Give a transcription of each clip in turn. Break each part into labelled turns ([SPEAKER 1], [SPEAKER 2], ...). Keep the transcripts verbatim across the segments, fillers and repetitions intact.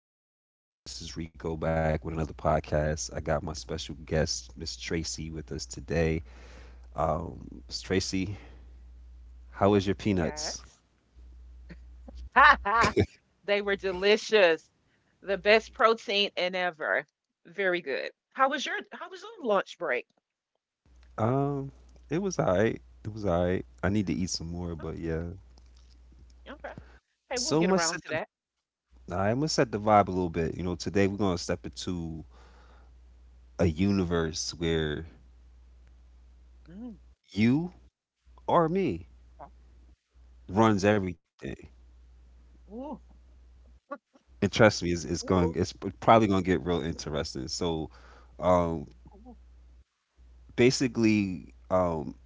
[SPEAKER 1] everybody. What's going on? This is Rico back with another podcast. I got my special guest, Miss Tracy, with us today. Um, Miss Tracy, how was your peanuts?
[SPEAKER 2] Yes. They were delicious. The best protein in ever. Very good. How was your how was your lunch break?
[SPEAKER 1] Um, it was alright. It was alright. I need to eat some more, but yeah.
[SPEAKER 2] Okay. Okay. Hey, we'll
[SPEAKER 1] So
[SPEAKER 2] get
[SPEAKER 1] much
[SPEAKER 2] around
[SPEAKER 1] set
[SPEAKER 2] to
[SPEAKER 1] the
[SPEAKER 2] that.
[SPEAKER 1] I'm gonna set the vibe a little bit. You know, today we're gonna step into a universe where
[SPEAKER 2] Mm,
[SPEAKER 1] you or me
[SPEAKER 2] okay. Okay.
[SPEAKER 1] runs everything.
[SPEAKER 2] Ooh.
[SPEAKER 1] And trust me, it's, it's going.
[SPEAKER 2] Ooh.
[SPEAKER 1] It's probably gonna get real interesting. So, um,
[SPEAKER 2] ooh,
[SPEAKER 1] basically, um,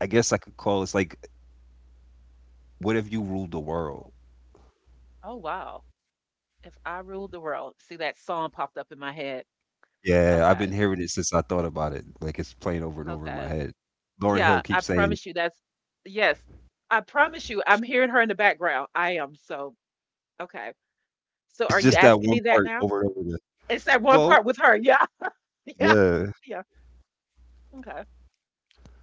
[SPEAKER 1] I guess I could call this like, what if you ruled the
[SPEAKER 2] Oh.
[SPEAKER 1] world?
[SPEAKER 2] Oh, wow. If I ruled the world. See, that song popped up in my head.
[SPEAKER 1] Yeah, I've
[SPEAKER 2] Okay.
[SPEAKER 1] been hearing it since I thought about it. Like it's playing over and over in my
[SPEAKER 2] Okay.
[SPEAKER 1] head. Lauren Hill
[SPEAKER 2] Yeah, I
[SPEAKER 1] keeps saying it.
[SPEAKER 2] promise you that's yes. I promise you I'm hearing her in the background. I am so okay. So
[SPEAKER 1] It's
[SPEAKER 2] are you
[SPEAKER 1] just that
[SPEAKER 2] asking
[SPEAKER 1] one
[SPEAKER 2] me that
[SPEAKER 1] part
[SPEAKER 2] now?
[SPEAKER 1] over and over again.
[SPEAKER 2] It's that one
[SPEAKER 1] Well,
[SPEAKER 2] part with her. Yeah. Yeah.
[SPEAKER 1] yeah.
[SPEAKER 2] Yeah. Okay.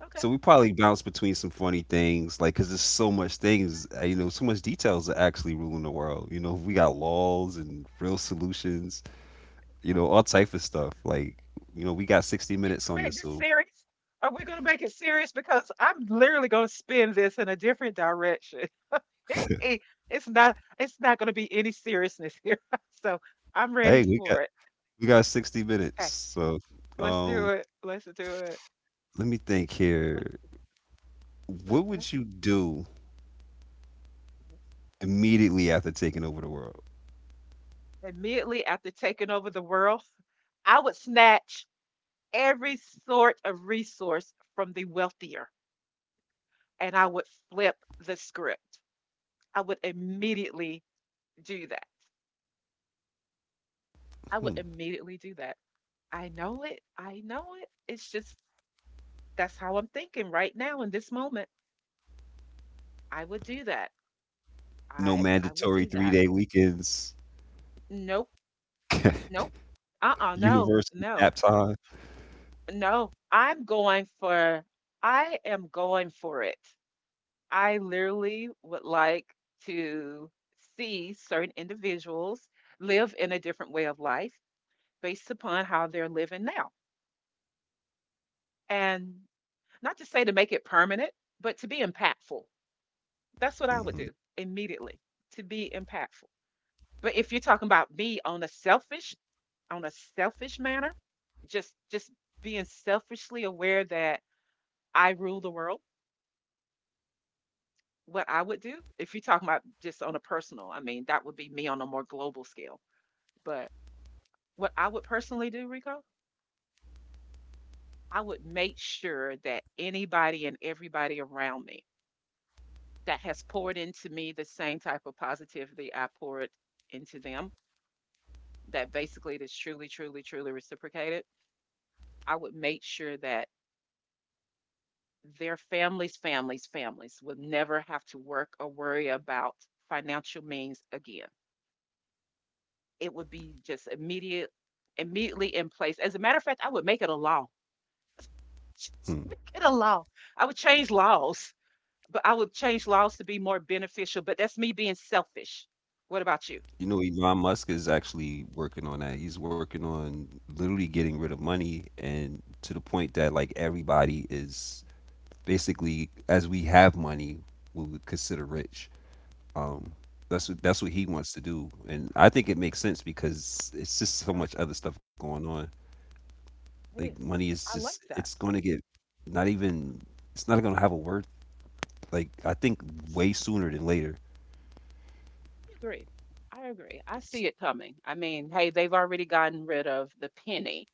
[SPEAKER 2] Okay.
[SPEAKER 1] So we probably bounce between some funny things, like because there's so much things, uh, you know, so much details that actually ruling the world. You know, we got laws and real
[SPEAKER 2] I
[SPEAKER 1] solutions, you know, all type of stuff. Like, you know, we got sixty minutes on this,
[SPEAKER 2] made this
[SPEAKER 1] so
[SPEAKER 2] serious. Are we going to make it serious? Because I'm literally going to spin this in a different direction. It's not. It's not going to be any seriousness here. So I'm ready
[SPEAKER 1] hey, we got
[SPEAKER 2] for it.
[SPEAKER 1] we got sixty minutes.
[SPEAKER 2] Okay.
[SPEAKER 1] So,
[SPEAKER 2] Let's
[SPEAKER 1] um,
[SPEAKER 2] do it. Let's do it.
[SPEAKER 1] let me think
[SPEAKER 2] Let's
[SPEAKER 1] here.
[SPEAKER 2] do it.
[SPEAKER 1] What
[SPEAKER 2] Okay.
[SPEAKER 1] would you do immediately after taking over the world?
[SPEAKER 2] Immediately after taking over the world, I would snatch every sort of resource from the wealthier, and I would flip the script. I would immediately do that. I would
[SPEAKER 1] Hmm.
[SPEAKER 2] immediately do that. I know it. I know it. It's just that's how I'm thinking right now in this moment. I would do that.
[SPEAKER 1] No
[SPEAKER 2] I I would
[SPEAKER 1] mandatory
[SPEAKER 2] do that.
[SPEAKER 1] three-day weekends,
[SPEAKER 2] Nope. Nope. Uh-uh. No.
[SPEAKER 1] universal nap
[SPEAKER 2] No.
[SPEAKER 1] time.
[SPEAKER 2] No. I'm going for I am going for it. I literally would like to see certain individuals live in a different way of life based upon how they're living now. And not to say to make it permanent, but to be impactful. That's what I would
[SPEAKER 1] Mhm.
[SPEAKER 2] do immediately to be impactful. But if you're talking about me on a selfish, on a selfish manner, just just being selfishly aware that I rule the world, what I would do, if you're talking about just on a personal, I mean, that would be me on a more global scale. But what I would personally do, Rico, I would make sure that anybody and everybody around me that has poured into me the same type of positivity I poured into them. That basically it is truly, truly, truly reciprocated. I would make sure that their families, families, families would never have to work or worry about financial means again. It would be just immediate, immediately in place. As a matter of fact, I would make it a law. Just make
[SPEAKER 1] Hmm.
[SPEAKER 2] it a law. I would change laws, but I would change laws to be more beneficial. But that's me being selfish. What about you?
[SPEAKER 1] You know, Elon Musk is actually working on that. He's working on literally getting rid of money and to the point that like everybody is basically as we have money, we would consider rich. Um, that's what that's what he wants to do, and I think it makes sense because it's just so
[SPEAKER 2] Hmm,
[SPEAKER 1] much other stuff going on. Like
[SPEAKER 2] It is.
[SPEAKER 1] money is
[SPEAKER 2] I
[SPEAKER 1] just
[SPEAKER 2] like
[SPEAKER 1] it's
[SPEAKER 2] that.
[SPEAKER 1] going to get not even it's not going to have a worth. Like I think
[SPEAKER 2] S-
[SPEAKER 1] way sooner than later.
[SPEAKER 2] I agree. I agree. I see it coming. I mean, hey, they've already gotten rid of the penny,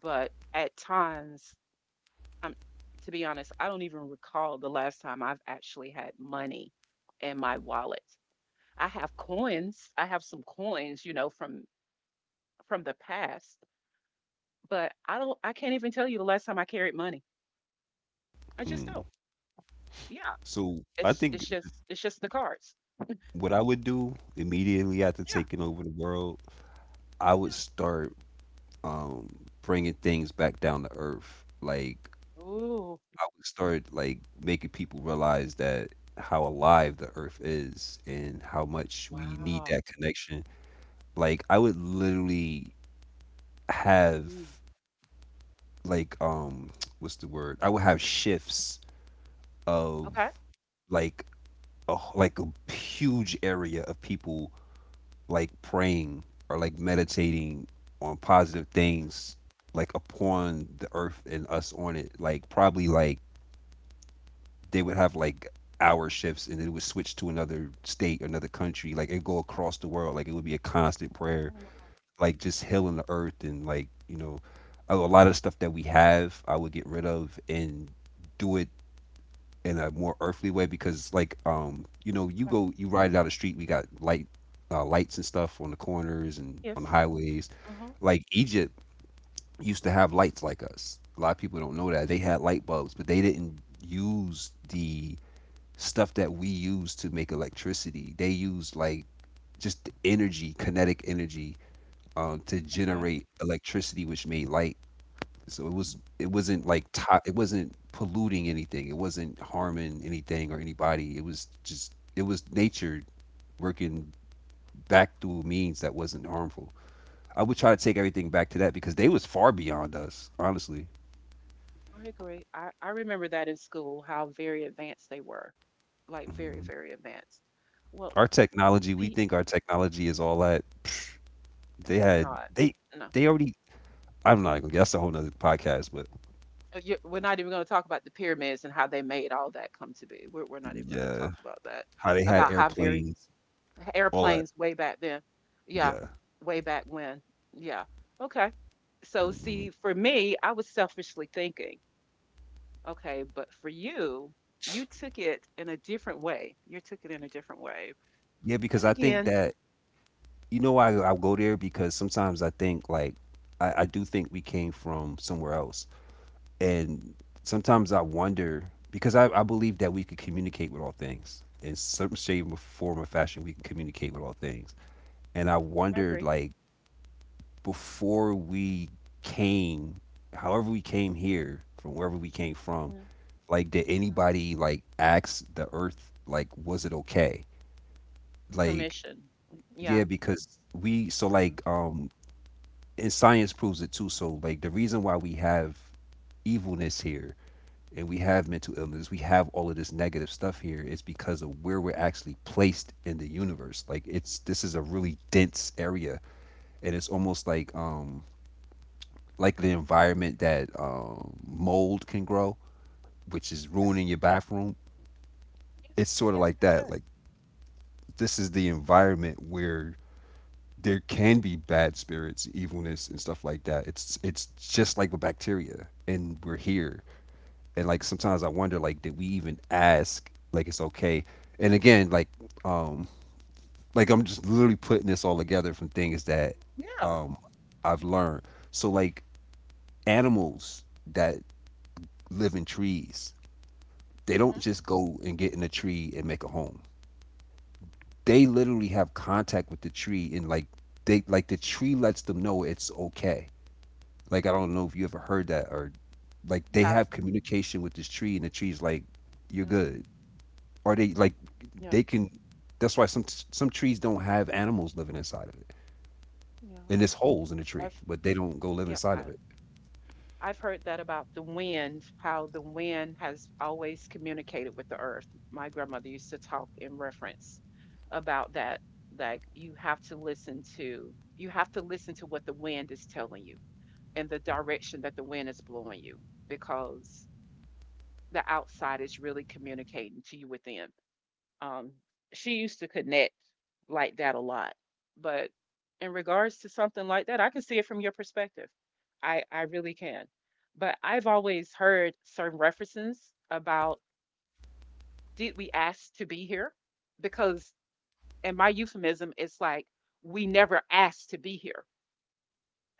[SPEAKER 2] but at times, I'm, to be honest, I don't even recall the last time I've actually had money in my wallet. I have coins. I have some coins, you know, from from the past, but I don't. I can't even tell you the last time I carried money. I just
[SPEAKER 1] Hmm.
[SPEAKER 2] don't. Yeah,
[SPEAKER 1] So I
[SPEAKER 2] it's
[SPEAKER 1] think
[SPEAKER 2] it's just it's just the cards.
[SPEAKER 1] what I would do immediately after
[SPEAKER 2] Yeah.
[SPEAKER 1] taking over the world, I
[SPEAKER 2] Yeah.
[SPEAKER 1] would start um, bringing things back down to earth. Like
[SPEAKER 2] Ooh.
[SPEAKER 1] I would start like making people realize that how alive the earth is and how much we need
[SPEAKER 2] Wow.
[SPEAKER 1] that connection. Like I would literally
[SPEAKER 2] Mm.
[SPEAKER 1] have like um what's the word? I would have shifts of
[SPEAKER 2] Okay.
[SPEAKER 1] like a h- like a huge area of people like praying or like meditating on positive things like upon the earth and us on it, like probably like they would have like hour shifts, and it would switch to another state, another country. Like it'd go across the world. Like it would be a constant prayer.
[SPEAKER 2] Oh, wow.
[SPEAKER 1] Like just healing the earth and, like, you know, a, a lot of stuff that we have, I would get rid of and do it in a more earthly way, because like um you know, you
[SPEAKER 2] Okay.
[SPEAKER 1] go you ride down the street, we got light uh, lights and stuff on the corners and on the
[SPEAKER 2] Yes.
[SPEAKER 1] highways.
[SPEAKER 2] Uh-huh.
[SPEAKER 1] Like Egypt used to have lights like us. A lot of people don't know that they had light bulbs, but they didn't use the stuff that we use to make electricity. They use like just energy, kinetic energy, um, to
[SPEAKER 2] Okay.
[SPEAKER 1] generate electricity, which made light. So it was it wasn't
[SPEAKER 2] Wow.
[SPEAKER 1] like to- it wasn't polluting anything. It wasn't harming anything or anybody. It was just it was nature working back through means that wasn't harmful. I would try to take everything back to that, because they was far beyond us, honestly.
[SPEAKER 2] I agree. I, I remember that in school, how very advanced they were. Like very,
[SPEAKER 1] Mhm.
[SPEAKER 2] very advanced. Well,
[SPEAKER 1] Our technology, we
[SPEAKER 2] see,
[SPEAKER 1] think our technology is all that. Psh, They
[SPEAKER 2] it's
[SPEAKER 1] had
[SPEAKER 2] not.
[SPEAKER 1] they
[SPEAKER 2] No.
[SPEAKER 1] they already I'm not even. That's a whole nother podcast, but
[SPEAKER 2] Uh, you- We're not even going to talk about the pyramids and how they made all that come to be. We're, we're not even going to
[SPEAKER 1] yeah,
[SPEAKER 2] talk about that.
[SPEAKER 1] how they had
[SPEAKER 2] About how very
[SPEAKER 1] airplanes, all that.
[SPEAKER 2] airplanes way back then. Yeah.
[SPEAKER 1] Yeah,
[SPEAKER 2] Way back when. Yeah. Okay. So, see,
[SPEAKER 1] mm
[SPEAKER 2] for me, I was selfishly thinking. Okay, but for you, you took it in a different way. You took it in a different way.
[SPEAKER 1] yeah, because
[SPEAKER 2] But
[SPEAKER 1] I think
[SPEAKER 2] again,
[SPEAKER 1] that, you know why I, I go there, because sometimes I think like I, I do think we came from somewhere else, and sometimes I wonder, because I, I believe that we could communicate with all things in some shape, or form, or fashion. We can communicate with all things, and I
[SPEAKER 2] I
[SPEAKER 1] wondered
[SPEAKER 2] agree.
[SPEAKER 1] like before we came, however we came here from wherever we came from.
[SPEAKER 2] Yeah,
[SPEAKER 1] Like, did
[SPEAKER 2] yeah.
[SPEAKER 1] anybody like ask the Earth like was it okay?
[SPEAKER 2] And
[SPEAKER 1] Like,
[SPEAKER 2] permission. Mm,
[SPEAKER 1] yeah,
[SPEAKER 2] Yeah.
[SPEAKER 1] because we so
[SPEAKER 2] Yeah.
[SPEAKER 1] like um and science proves it too. So like the reason why we have evilness here and we have mental illness, we have all of this negative stuff here is because of where we're actually placed in the universe. Like it's this is a really dense area, and it's almost like um like the environment that um mold can grow, which is
[SPEAKER 2] Yes.
[SPEAKER 1] ruining your bathroom. It's
[SPEAKER 2] Yes.
[SPEAKER 1] sort of
[SPEAKER 2] Yes,
[SPEAKER 1] like
[SPEAKER 2] for
[SPEAKER 1] that.
[SPEAKER 2] sure.
[SPEAKER 1] Like this is the environment where there can be bad spirits, evilness, and stuff like that. It's it's just like with bacteria, and we're here. And like sometimes I wonder, like, did we even ask? Like, it's okay. And again, like, um, like I'm just literally putting this all together from things that
[SPEAKER 2] Yeah.
[SPEAKER 1] um I've learned. So like animals that live in trees, they
[SPEAKER 2] Mhm,
[SPEAKER 1] don't just go and get in a tree and make a home. They literally have contact with the tree, and like they like the tree lets them know it's okay. Like I don't know if you ever heard that. Or like they
[SPEAKER 2] yeah.
[SPEAKER 1] have communication with this tree, and the tree's like you're
[SPEAKER 2] Yeah.
[SPEAKER 1] good. Or they like
[SPEAKER 2] Yeah.
[SPEAKER 1] they can that's why some some trees don't have animals living inside of it.
[SPEAKER 2] Yeah.
[SPEAKER 1] And there's holes in the tree,
[SPEAKER 2] I've
[SPEAKER 1] but they don't go live
[SPEAKER 2] yeah,
[SPEAKER 1] inside of
[SPEAKER 2] I,
[SPEAKER 1] it.
[SPEAKER 2] I've heard that about the wind, how the wind has always communicated with the earth. My grandmother used to talk in reference about that. Like you have to listen to you have to listen to what the wind is telling you in the direction that the wind is blowing you because the outside is really communicating to you within. Um, she used to connect like that a lot, but in regards to something like that, I can see it from your perspective. I, I really can. But I've always heard certain references about did we ask to be here? Because in my euphemism, it's like we never asked to be here.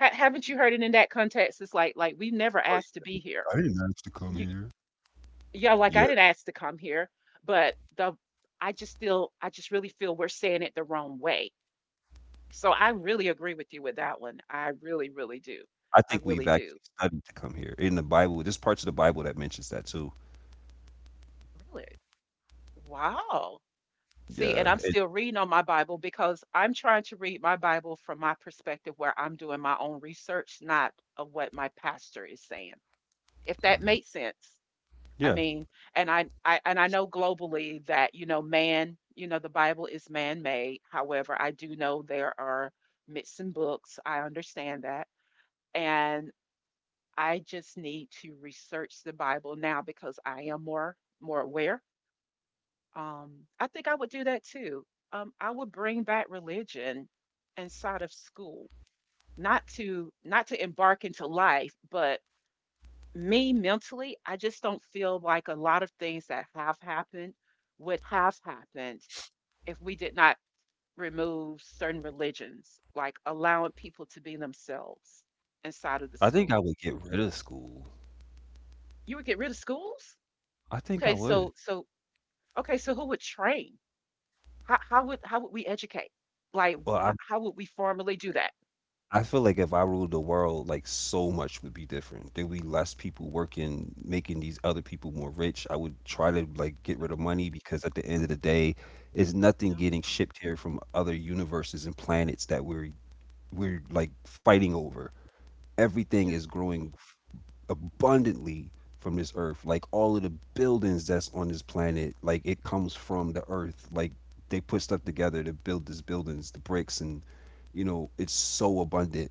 [SPEAKER 2] Ha- haven't you heard it in that context? It's like like we never
[SPEAKER 1] Oh
[SPEAKER 2] asked to
[SPEAKER 1] yeah.
[SPEAKER 2] be here.
[SPEAKER 1] I didn't ask to come
[SPEAKER 2] You
[SPEAKER 1] here.
[SPEAKER 2] yeah, like I
[SPEAKER 1] Yeah.
[SPEAKER 2] didn't ask to come here, but the I just still I just really feel we're saying it the wrong way. So I really agree with you with that one. I really, really do.
[SPEAKER 1] I
[SPEAKER 2] I
[SPEAKER 1] think we've
[SPEAKER 2] really
[SPEAKER 1] actually
[SPEAKER 2] do.
[SPEAKER 1] studied to come here. In the Bible, there's parts of the Bible that mentions that too.
[SPEAKER 2] Really? Wow. See, and
[SPEAKER 1] Yeah.
[SPEAKER 2] I'm
[SPEAKER 1] It,
[SPEAKER 2] still reading on my Bible because I'm trying to read my Bible from my perspective where I'm doing my own research, not of what my pastor is saying. If that
[SPEAKER 1] mhm.
[SPEAKER 2] makes sense. I
[SPEAKER 1] Yeah.
[SPEAKER 2] mean, and I, I and I know globally that, you know, man, you know, the Bible is man-made. However, I do know there are myths and books. I understand that. And I just need to research the Bible now because I am more more aware. Um, I think I would do that too. Um, I would bring back religion inside of school, not to not to embark into life, but me mentally, I just don't feel like a lot of things that have happened would have happened if we did not remove certain religions, like allowing people to be themselves inside of the
[SPEAKER 1] I think
[SPEAKER 2] school.
[SPEAKER 1] I would get rid of school.
[SPEAKER 2] You would get rid of schools?
[SPEAKER 1] I think I
[SPEAKER 2] Okay,
[SPEAKER 1] would.
[SPEAKER 2] so so okay, so who would train? How how would how would we educate? Like wh-
[SPEAKER 1] Well, I
[SPEAKER 2] how, how would we formally do that?
[SPEAKER 1] I feel like if I ruled the world, like so much would be different. There'd be less people working, making these other people more rich. I would try to like get
[SPEAKER 2] Okay,
[SPEAKER 1] rid of money, because at the end of the day, is nothing
[SPEAKER 2] yeah.
[SPEAKER 1] getting shipped here from other universes and planets that we're we're like fighting over. Everything is growing abundantly from this earth. Like all of the buildings that's on this planet, like it comes from the earth. Like they put stuff together to build these buildings, the bricks, and you know it's so abundant.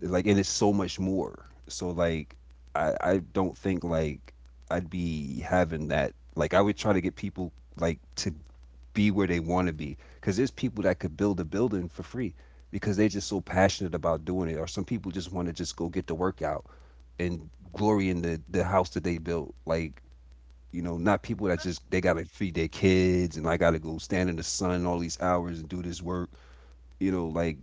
[SPEAKER 1] Like and it's so much more. So like I I don't think like I'd be having that. Like I would try to get people like to be where they want to be, because there's people that could build a building for free because they're just so passionate about doing it, or some people just want to just go get the workout and glory in the the house that they built. Like you know, not people that just they gotta feed their kids and like, I gotta go stand in the sun all these hours and do this work. You know, like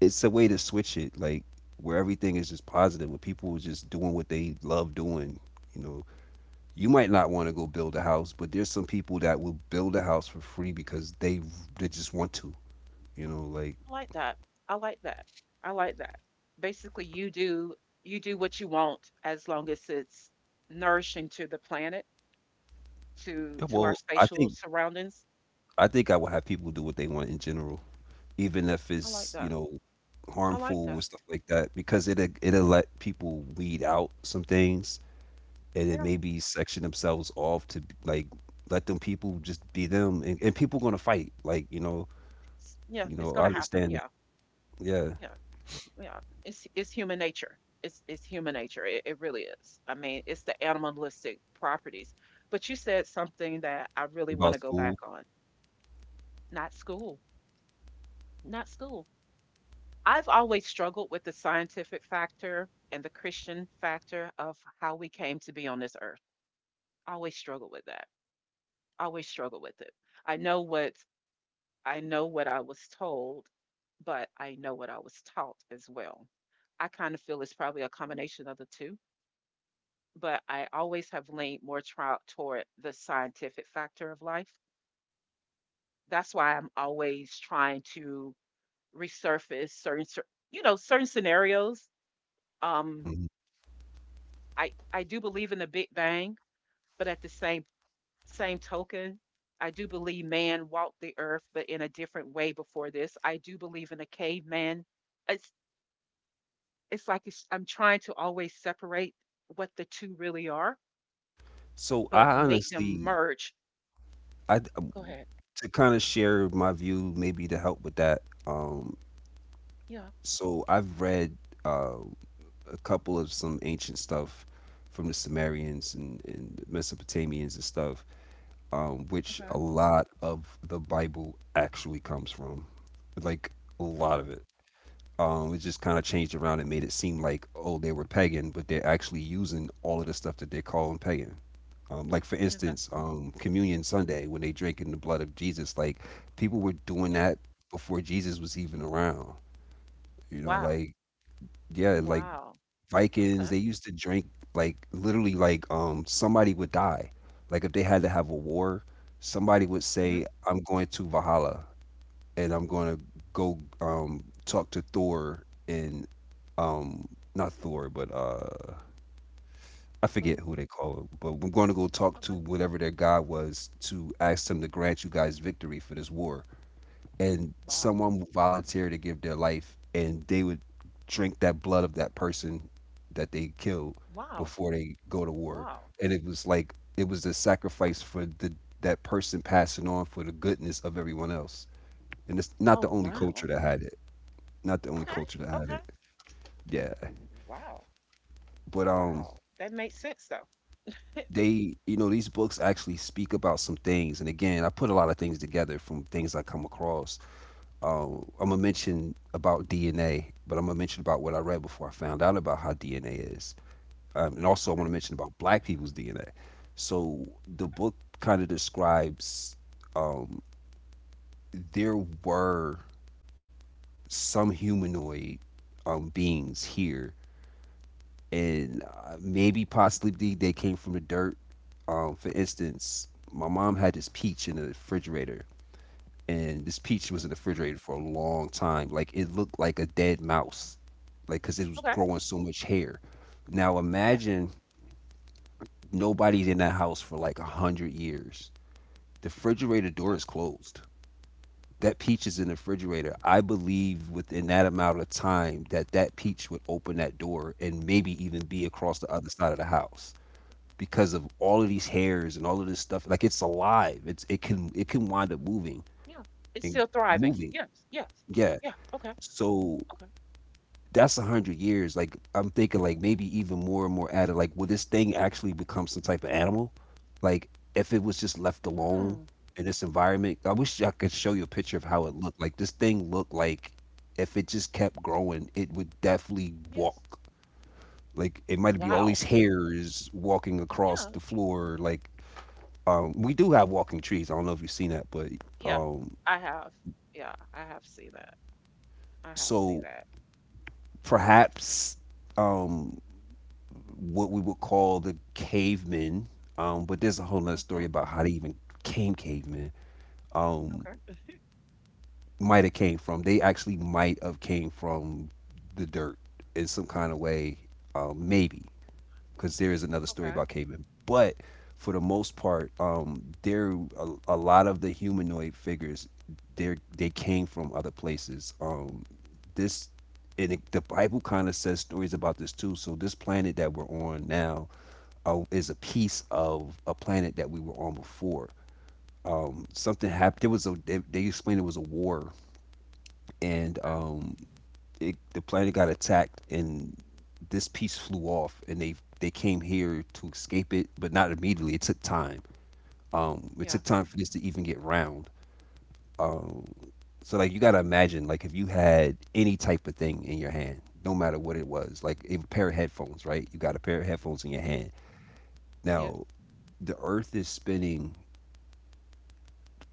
[SPEAKER 1] it's a way to switch it. Like where everything is just positive, where people are just doing what they love doing. You know, you might not want to go build a house, but there's some people that will build a house for free because they they just want to. You know, like
[SPEAKER 2] I like that. I like that. I like that. Basically, you do you do what you want as long as it's nourishing to the planet, to to our
[SPEAKER 1] well, I
[SPEAKER 2] spatial
[SPEAKER 1] think
[SPEAKER 2] surroundings.
[SPEAKER 1] I think I will have people do what they want in general, even if
[SPEAKER 2] I like
[SPEAKER 1] it's you
[SPEAKER 2] that.
[SPEAKER 1] know
[SPEAKER 2] I like
[SPEAKER 1] harmful or
[SPEAKER 2] that.
[SPEAKER 1] stuff like that, because it it'll it'll let people weed out some things, and it
[SPEAKER 2] Yeah.
[SPEAKER 1] maybe section themselves off to b- like let them people just be them. And, and people gonna fight, like you know
[SPEAKER 2] It's, yeah,
[SPEAKER 1] you
[SPEAKER 2] it's
[SPEAKER 1] know
[SPEAKER 2] going
[SPEAKER 1] I
[SPEAKER 2] to happen.
[SPEAKER 1] understand that,
[SPEAKER 2] Yeah.
[SPEAKER 1] yeah,
[SPEAKER 2] Yeah. Yeah. It's it's human nature. It's it's human nature. It, it really is. I mean, it's the animalistic properties. But you said something that I really want
[SPEAKER 1] about
[SPEAKER 2] to go back
[SPEAKER 1] school.
[SPEAKER 2] on. Not school. Not school. I've always struggled with the scientific factor and the Christian factor of how we came to be on this earth. Always struggled with that. Always struggled with it. I know what I know what I was told, but I know what I was taught as well. I kind of feel it's probably a combination of the two, but I always have leaned more tro- toward the scientific factor of life. That's why I'm always trying to resurface certain, cer- you know, certain scenarios. Um,
[SPEAKER 1] Mhm.
[SPEAKER 2] I I do believe in the Big Bang, but at the same same token, I do believe man walked the earth, but in a different way before this. I do believe in a caveman. It's it's like it's, I'm trying to always separate what the two really are,
[SPEAKER 1] So
[SPEAKER 2] but
[SPEAKER 1] I
[SPEAKER 2] make them
[SPEAKER 1] honestly
[SPEAKER 2] merge.
[SPEAKER 1] I um,
[SPEAKER 2] Go ahead.
[SPEAKER 1] to kind of share my view maybe to help with that. Um,
[SPEAKER 2] Yeah.
[SPEAKER 1] so I've read. Uh, a couple of some ancient stuff from the Sumerians and, and Mesopotamians and stuff, um, which a
[SPEAKER 2] Okay.
[SPEAKER 1] lot of the Bible actually comes from. Like a lot
[SPEAKER 2] Okay.
[SPEAKER 1] of it. Um, it just kind of changed around and made it seem like, oh, they were pagan, but they're actually using all of the stuff that they're calling pagan. Um, like, for
[SPEAKER 2] Okay.
[SPEAKER 1] instance, um, Communion Sunday, when they drank in the blood of Jesus, like, people were doing
[SPEAKER 2] Yeah.
[SPEAKER 1] that before Jesus was even around. You know,
[SPEAKER 2] Wow.
[SPEAKER 1] like, yeah, like
[SPEAKER 2] Wow.
[SPEAKER 1] Vikings,
[SPEAKER 2] Okay.
[SPEAKER 1] they used to drink like literally like um somebody would die. Like if they had to have a war, somebody would
[SPEAKER 2] Mm-hmm.
[SPEAKER 1] say, "I'm going to Valhalla and I'm gonna go um talk to Thor and um not Thor, but uh I
[SPEAKER 2] Oh,
[SPEAKER 1] forget who they call him, but I'm going to go talk to
[SPEAKER 2] okay.
[SPEAKER 1] whatever their god was to ask them to grant you guys victory for this war." And
[SPEAKER 2] Wow.
[SPEAKER 1] someone would volunteer to give their life, and they would drink that blood of that person that they killed
[SPEAKER 2] Wow.
[SPEAKER 1] before they go to war.
[SPEAKER 2] Wow.
[SPEAKER 1] And it was like it was the sacrifice for the, that person passing on for the goodness of everyone else. And it's not
[SPEAKER 2] Oh
[SPEAKER 1] the only culture
[SPEAKER 2] wow.
[SPEAKER 1] that had it, not the only
[SPEAKER 2] Okay.
[SPEAKER 1] culture that had
[SPEAKER 2] Okay.
[SPEAKER 1] it, yeah,
[SPEAKER 2] Wow.
[SPEAKER 1] but um
[SPEAKER 2] Wow, that makes sense though.
[SPEAKER 1] they, you know, these books actually speak about some things. And again, I put a lot of things together from things I come across. um, I'm gonna mention about D N A, but I'm gonna mention about what I read before I found out about how D N A is. Um, and also I want to mention about Black people's D N A. So the
[SPEAKER 2] Okay,
[SPEAKER 1] book kind of describes, um, there were some humanoid um, beings here, and uh, maybe possibly they came from the dirt. Um, for instance, my mom had this peach in the refrigerator, and this peach
[SPEAKER 2] okay,
[SPEAKER 1] was
[SPEAKER 2] mhm,
[SPEAKER 1] in the refrigerator for a long time. Like, it looked like a dead mouse, like, because it was
[SPEAKER 2] okay,
[SPEAKER 1] growing so much hair. Now
[SPEAKER 2] yeah,
[SPEAKER 1] imagine nobody's in that house for like a hundred years. The refrigerator door
[SPEAKER 2] okay,
[SPEAKER 1] is closed. That peach is in the refrigerator. I believe within that amount of time that that peach would open that door and maybe even be across the other side of the house, because of all of these hairs and all of this stuff. Like, it's alive. It's, it can, it can wind up moving
[SPEAKER 2] yeah. It's
[SPEAKER 1] and
[SPEAKER 2] still thriving.
[SPEAKER 1] moving.
[SPEAKER 2] Yes, yes,
[SPEAKER 1] Yeah.
[SPEAKER 2] yeah. Okay,
[SPEAKER 1] So
[SPEAKER 2] okay.
[SPEAKER 1] that's a hundred years. Like, I'm thinking, like, maybe even more and more added. Like, will this thing actually become some type of animal? Like, if it was just left alone
[SPEAKER 2] Hmm.
[SPEAKER 1] in this environment, I wish I could show you a picture of how it looked. Like, this thing looked like, if it just kept growing, it would definitely
[SPEAKER 2] Yes.
[SPEAKER 1] walk. Like, it might be all
[SPEAKER 2] Wow.
[SPEAKER 1] these hairs walking across
[SPEAKER 2] Yeah,
[SPEAKER 1] the floor. Like, um, we do have walking trees. I don't know if you've seen that, but
[SPEAKER 2] yeah.
[SPEAKER 1] um,
[SPEAKER 2] I have. Yeah, I have seen that. I have seen
[SPEAKER 1] so
[SPEAKER 2] that.
[SPEAKER 1] perhaps um what we would call the cavemen. Um, but there's a whole nother
[SPEAKER 2] Hmm.
[SPEAKER 1] story about how they even came cavemen. Um,
[SPEAKER 2] Okay.
[SPEAKER 1] might have came from. They actually might have came from the dirt in some kind of way, um, maybe, because there is another story
[SPEAKER 2] Okay.
[SPEAKER 1] about cavemen. But for the most part, um, there a, a lot of the humanoid figures, they they came from other places. Um, this, and it, the Bible kind of says stories about this too. So this planet that we're on now uh, is a piece of a planet that we were on before. Um, something happened. There was a, they, they explained it was a war, and
[SPEAKER 2] Okay.
[SPEAKER 1] um, it, the planet got attacked, and this piece flew off, and they they came here to escape it, but not immediately. It took time. um it took
[SPEAKER 2] Yes.
[SPEAKER 1] time for this to even get round. um so like, you got to imagine, like, if you had any type of thing in your hand, no matter what it was, like a pair of headphones, right? You got a pair of headphones in your hand
[SPEAKER 2] Yes. Yes.
[SPEAKER 1] now. The earth is spinning,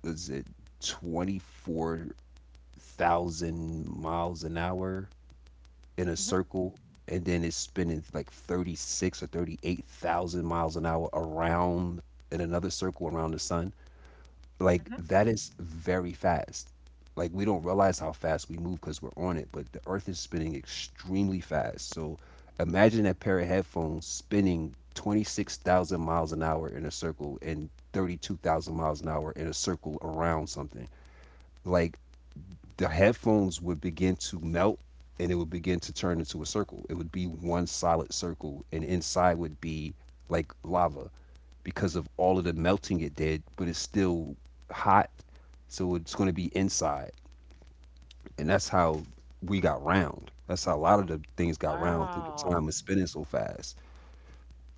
[SPEAKER 1] is it twenty-four thousand miles an hour in a
[SPEAKER 2] Hmm.
[SPEAKER 1] circle? And then it's spinning like thirty-six or thirty-eight thousand miles an hour around in another circle around the sun. Like,
[SPEAKER 2] Hmm.
[SPEAKER 1] that is very fast. Like, we don't realize how fast we move because we're on it, but the earth is spinning extremely fast. So imagine that pair of headphones spinning twenty-six thousand miles an hour in a circle and thirty-two thousand miles an hour in a circle around something. Like, the headphones would begin to melt, and it would begin to turn into a circle. It would be one solid circle, and inside would be like lava because of all of the melting it did, but it's still hot, so it's going to be inside. And that's how we got round. That's how a lot of the things got round, through the
[SPEAKER 2] Wow.
[SPEAKER 1] time of spinning so fast.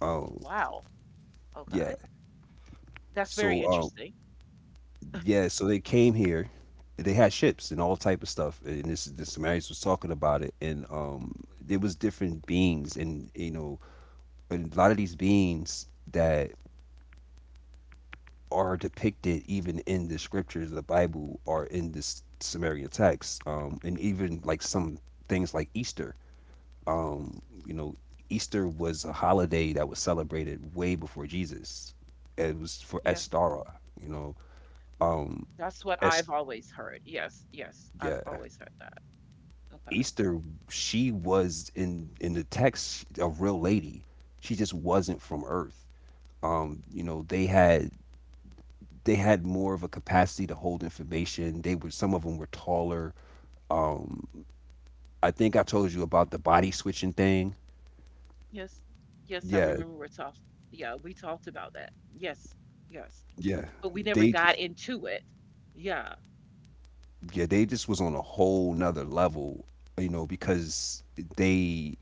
[SPEAKER 1] Um,
[SPEAKER 2] Wow.
[SPEAKER 1] yeah.
[SPEAKER 2] Okay. That's very
[SPEAKER 1] So um,
[SPEAKER 2] interesting.
[SPEAKER 1] Yeah, so they came here. They had ships and all type of stuff, and this, the Sumerians was talking about it, and um, there was different beings, and you know, and a lot of these beings that are depicted even in the scriptures of the Bible are in this Sumerian text, um, and even like some things like Easter, um, you know, Easter was a holiday that was celebrated way before Jesus. It was for
[SPEAKER 2] Yes.
[SPEAKER 1] Estara, you know,
[SPEAKER 2] Yeah.
[SPEAKER 1] um,
[SPEAKER 2] That's what
[SPEAKER 1] Es
[SPEAKER 2] I've always heard. Yes. Yes. I've
[SPEAKER 1] yeah,
[SPEAKER 2] always heard that. Okay.
[SPEAKER 1] Easter, she was in in the text, a real lady. She just wasn't from Earth. Um, you know, they had they had more of a capacity to hold information. They were, some of them were taller. Um, I think I told you about the body switching thing.
[SPEAKER 2] Yes. Yes, I
[SPEAKER 1] Yeah,
[SPEAKER 2] remember we talked. Yeah, we talked about that. Yes. Yes.
[SPEAKER 1] yeah.
[SPEAKER 2] But we never
[SPEAKER 1] They just,
[SPEAKER 2] got into it. Yeah.
[SPEAKER 1] yeah, they just was on a whole nother level, you know, because they,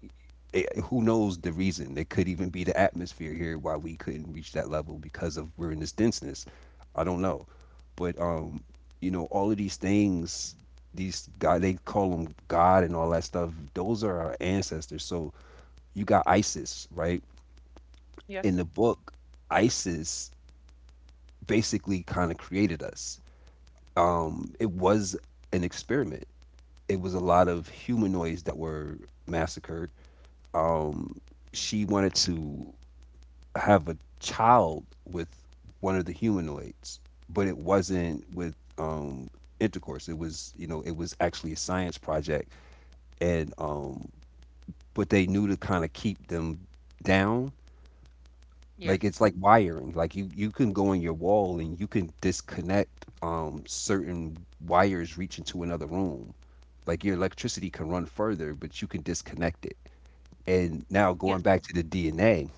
[SPEAKER 1] it- who knows the reason? It could even be the atmosphere here why we couldn't reach that level, because of we're in this denseness. I don't know, but um, you know, all of these things, these guy they call them God and all that stuff, those are our ancestors. So you got Isis, right? In the
[SPEAKER 2] Yes.
[SPEAKER 1] book, Isis basically kind of created us. Um, it was an experiment. It was a lot of humanoids that were massacred. Um, she wanted to have a child with one of the humanoids, but it wasn't with um, intercourse. It was, you know, it was actually a science project, and um, but they knew to kind of keep them down. Like,
[SPEAKER 2] Yes.
[SPEAKER 1] it's like wiring. Like, you you can go in your wall and you can disconnect um, certain wires reaching to another room. Like, your electricity can run further, but you can disconnect it. And now
[SPEAKER 2] Yes.
[SPEAKER 1] going back to the D N A.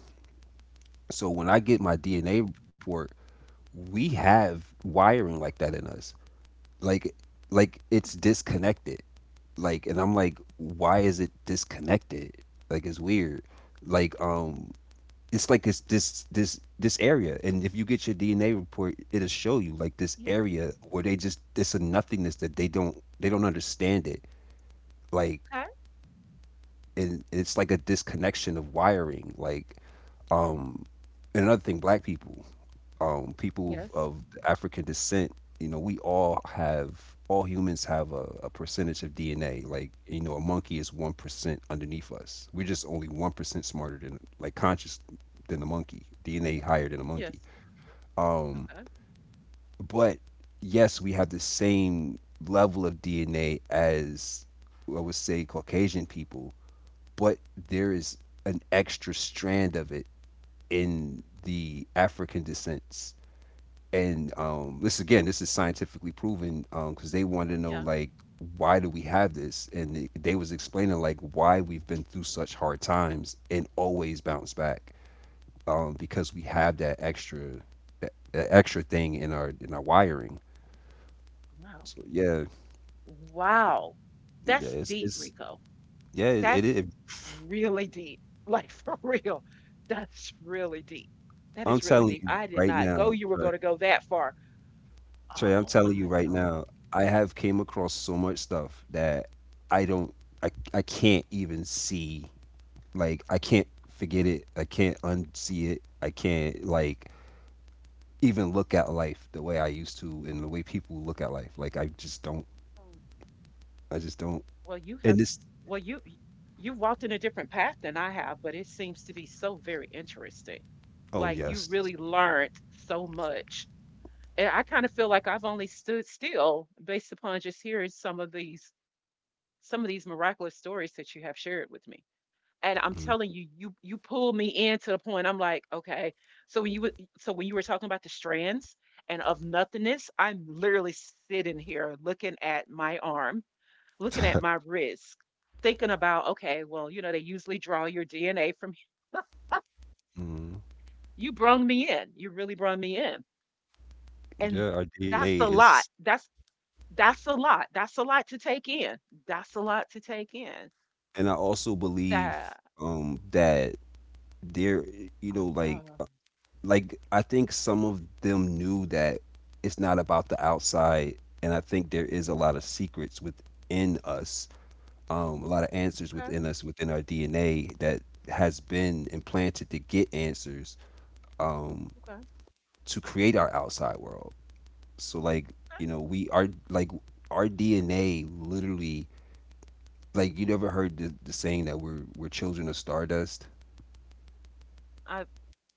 [SPEAKER 1] So when I get my D N A report, we have wiring like that in us. Like like it's disconnected. Like, and I'm like, why is it disconnected? Like, it's weird. Like um it's like, it's this this this area, and if you get your D N A report, it'll show you like this
[SPEAKER 2] Yes.
[SPEAKER 1] area where they just, it's a nothingness that they don't, they don't understand it. Like,
[SPEAKER 2] Okay.
[SPEAKER 1] and it's like a disconnection of wiring. Like, Um, and another thing, black people, um, people
[SPEAKER 2] Yes.
[SPEAKER 1] of African descent, you know, we all have, all humans have a, a percentage of D N A. Like, you know, a monkey is one percent underneath us. We're just only one percent smarter than, like, conscious than a monkey, D N A higher than a monkey.
[SPEAKER 2] Yes.
[SPEAKER 1] Um,
[SPEAKER 2] Okay.
[SPEAKER 1] but yes, we have the same level of D N A as, I would say, Caucasian people, but there is an extra strand of it in the African descents. And um, this, again, this is scientifically proven, because um, they wanted to know,
[SPEAKER 2] Yeah.
[SPEAKER 1] like, why do we have this, and they, they was explaining like why we've been through such hard times and always bounce back, um, because we have that extra, that, that extra thing in our, in our wiring.
[SPEAKER 2] Wow.
[SPEAKER 1] So yeah,
[SPEAKER 2] Wow.
[SPEAKER 1] yeah,
[SPEAKER 2] That's
[SPEAKER 1] it's,
[SPEAKER 2] deep,
[SPEAKER 1] it's
[SPEAKER 2] Rico.
[SPEAKER 1] yeah, it, it,
[SPEAKER 2] That's
[SPEAKER 1] it.
[SPEAKER 2] really deep. Like for real. That's really deep. That
[SPEAKER 1] I'm
[SPEAKER 2] is really
[SPEAKER 1] telling
[SPEAKER 2] deep.
[SPEAKER 1] you
[SPEAKER 2] I did
[SPEAKER 1] right
[SPEAKER 2] not
[SPEAKER 1] now,
[SPEAKER 2] go. You were going to go that far.
[SPEAKER 1] Trey, I'm
[SPEAKER 2] Oh
[SPEAKER 1] telling you
[SPEAKER 2] my
[SPEAKER 1] right
[SPEAKER 2] God.
[SPEAKER 1] now, I have came across so much stuff that I don't, I, I can't even see. Like, I can't forget it. I can't unsee it. I can't, like, even look at life the way I used to and the way people look at life. Like, I just don't, I just don't.
[SPEAKER 2] Well, you
[SPEAKER 1] And
[SPEAKER 2] have,
[SPEAKER 1] this,
[SPEAKER 2] well, you y- you've walked in a different path than I have, but it seems to be so very interesting.
[SPEAKER 1] oh,
[SPEAKER 2] Like you
[SPEAKER 1] yes.
[SPEAKER 2] really learned so much. And I kind of feel like I've only stood still based upon just hearing some of these some of these miraculous stories that you have shared with me. And I'm telling you, you you pulled me in to the point I'm like, okay. So when you were so when you were talking about the strands and of nothingness, I'm literally sitting here looking at my arm looking at my risk, thinking about, okay, well, you know, they usually draw your D N A from
[SPEAKER 1] Mm-hmm.
[SPEAKER 2] you brung me in. You really brung me in. And
[SPEAKER 1] Yeah, our
[SPEAKER 2] that's
[SPEAKER 1] D N A
[SPEAKER 2] a lot.
[SPEAKER 1] is,
[SPEAKER 2] That's that's a lot. That's a lot to take in. That's a lot to take in.
[SPEAKER 1] and I also believe
[SPEAKER 2] That
[SPEAKER 1] um that there, you
[SPEAKER 2] oh,
[SPEAKER 1] know, like
[SPEAKER 2] God.
[SPEAKER 1] like I think some of them knew that it's not about the outside, and I think there is a lot of secrets within us, um, a lot of answers
[SPEAKER 2] Okay,
[SPEAKER 1] within us, within our D N A, that has been implanted to get answers um,
[SPEAKER 2] okay, okay.
[SPEAKER 1] to create our outside world. So like, you know, we are like, our D N A literally, like, you never heard the, the saying that we're we're children of stardust.
[SPEAKER 2] I've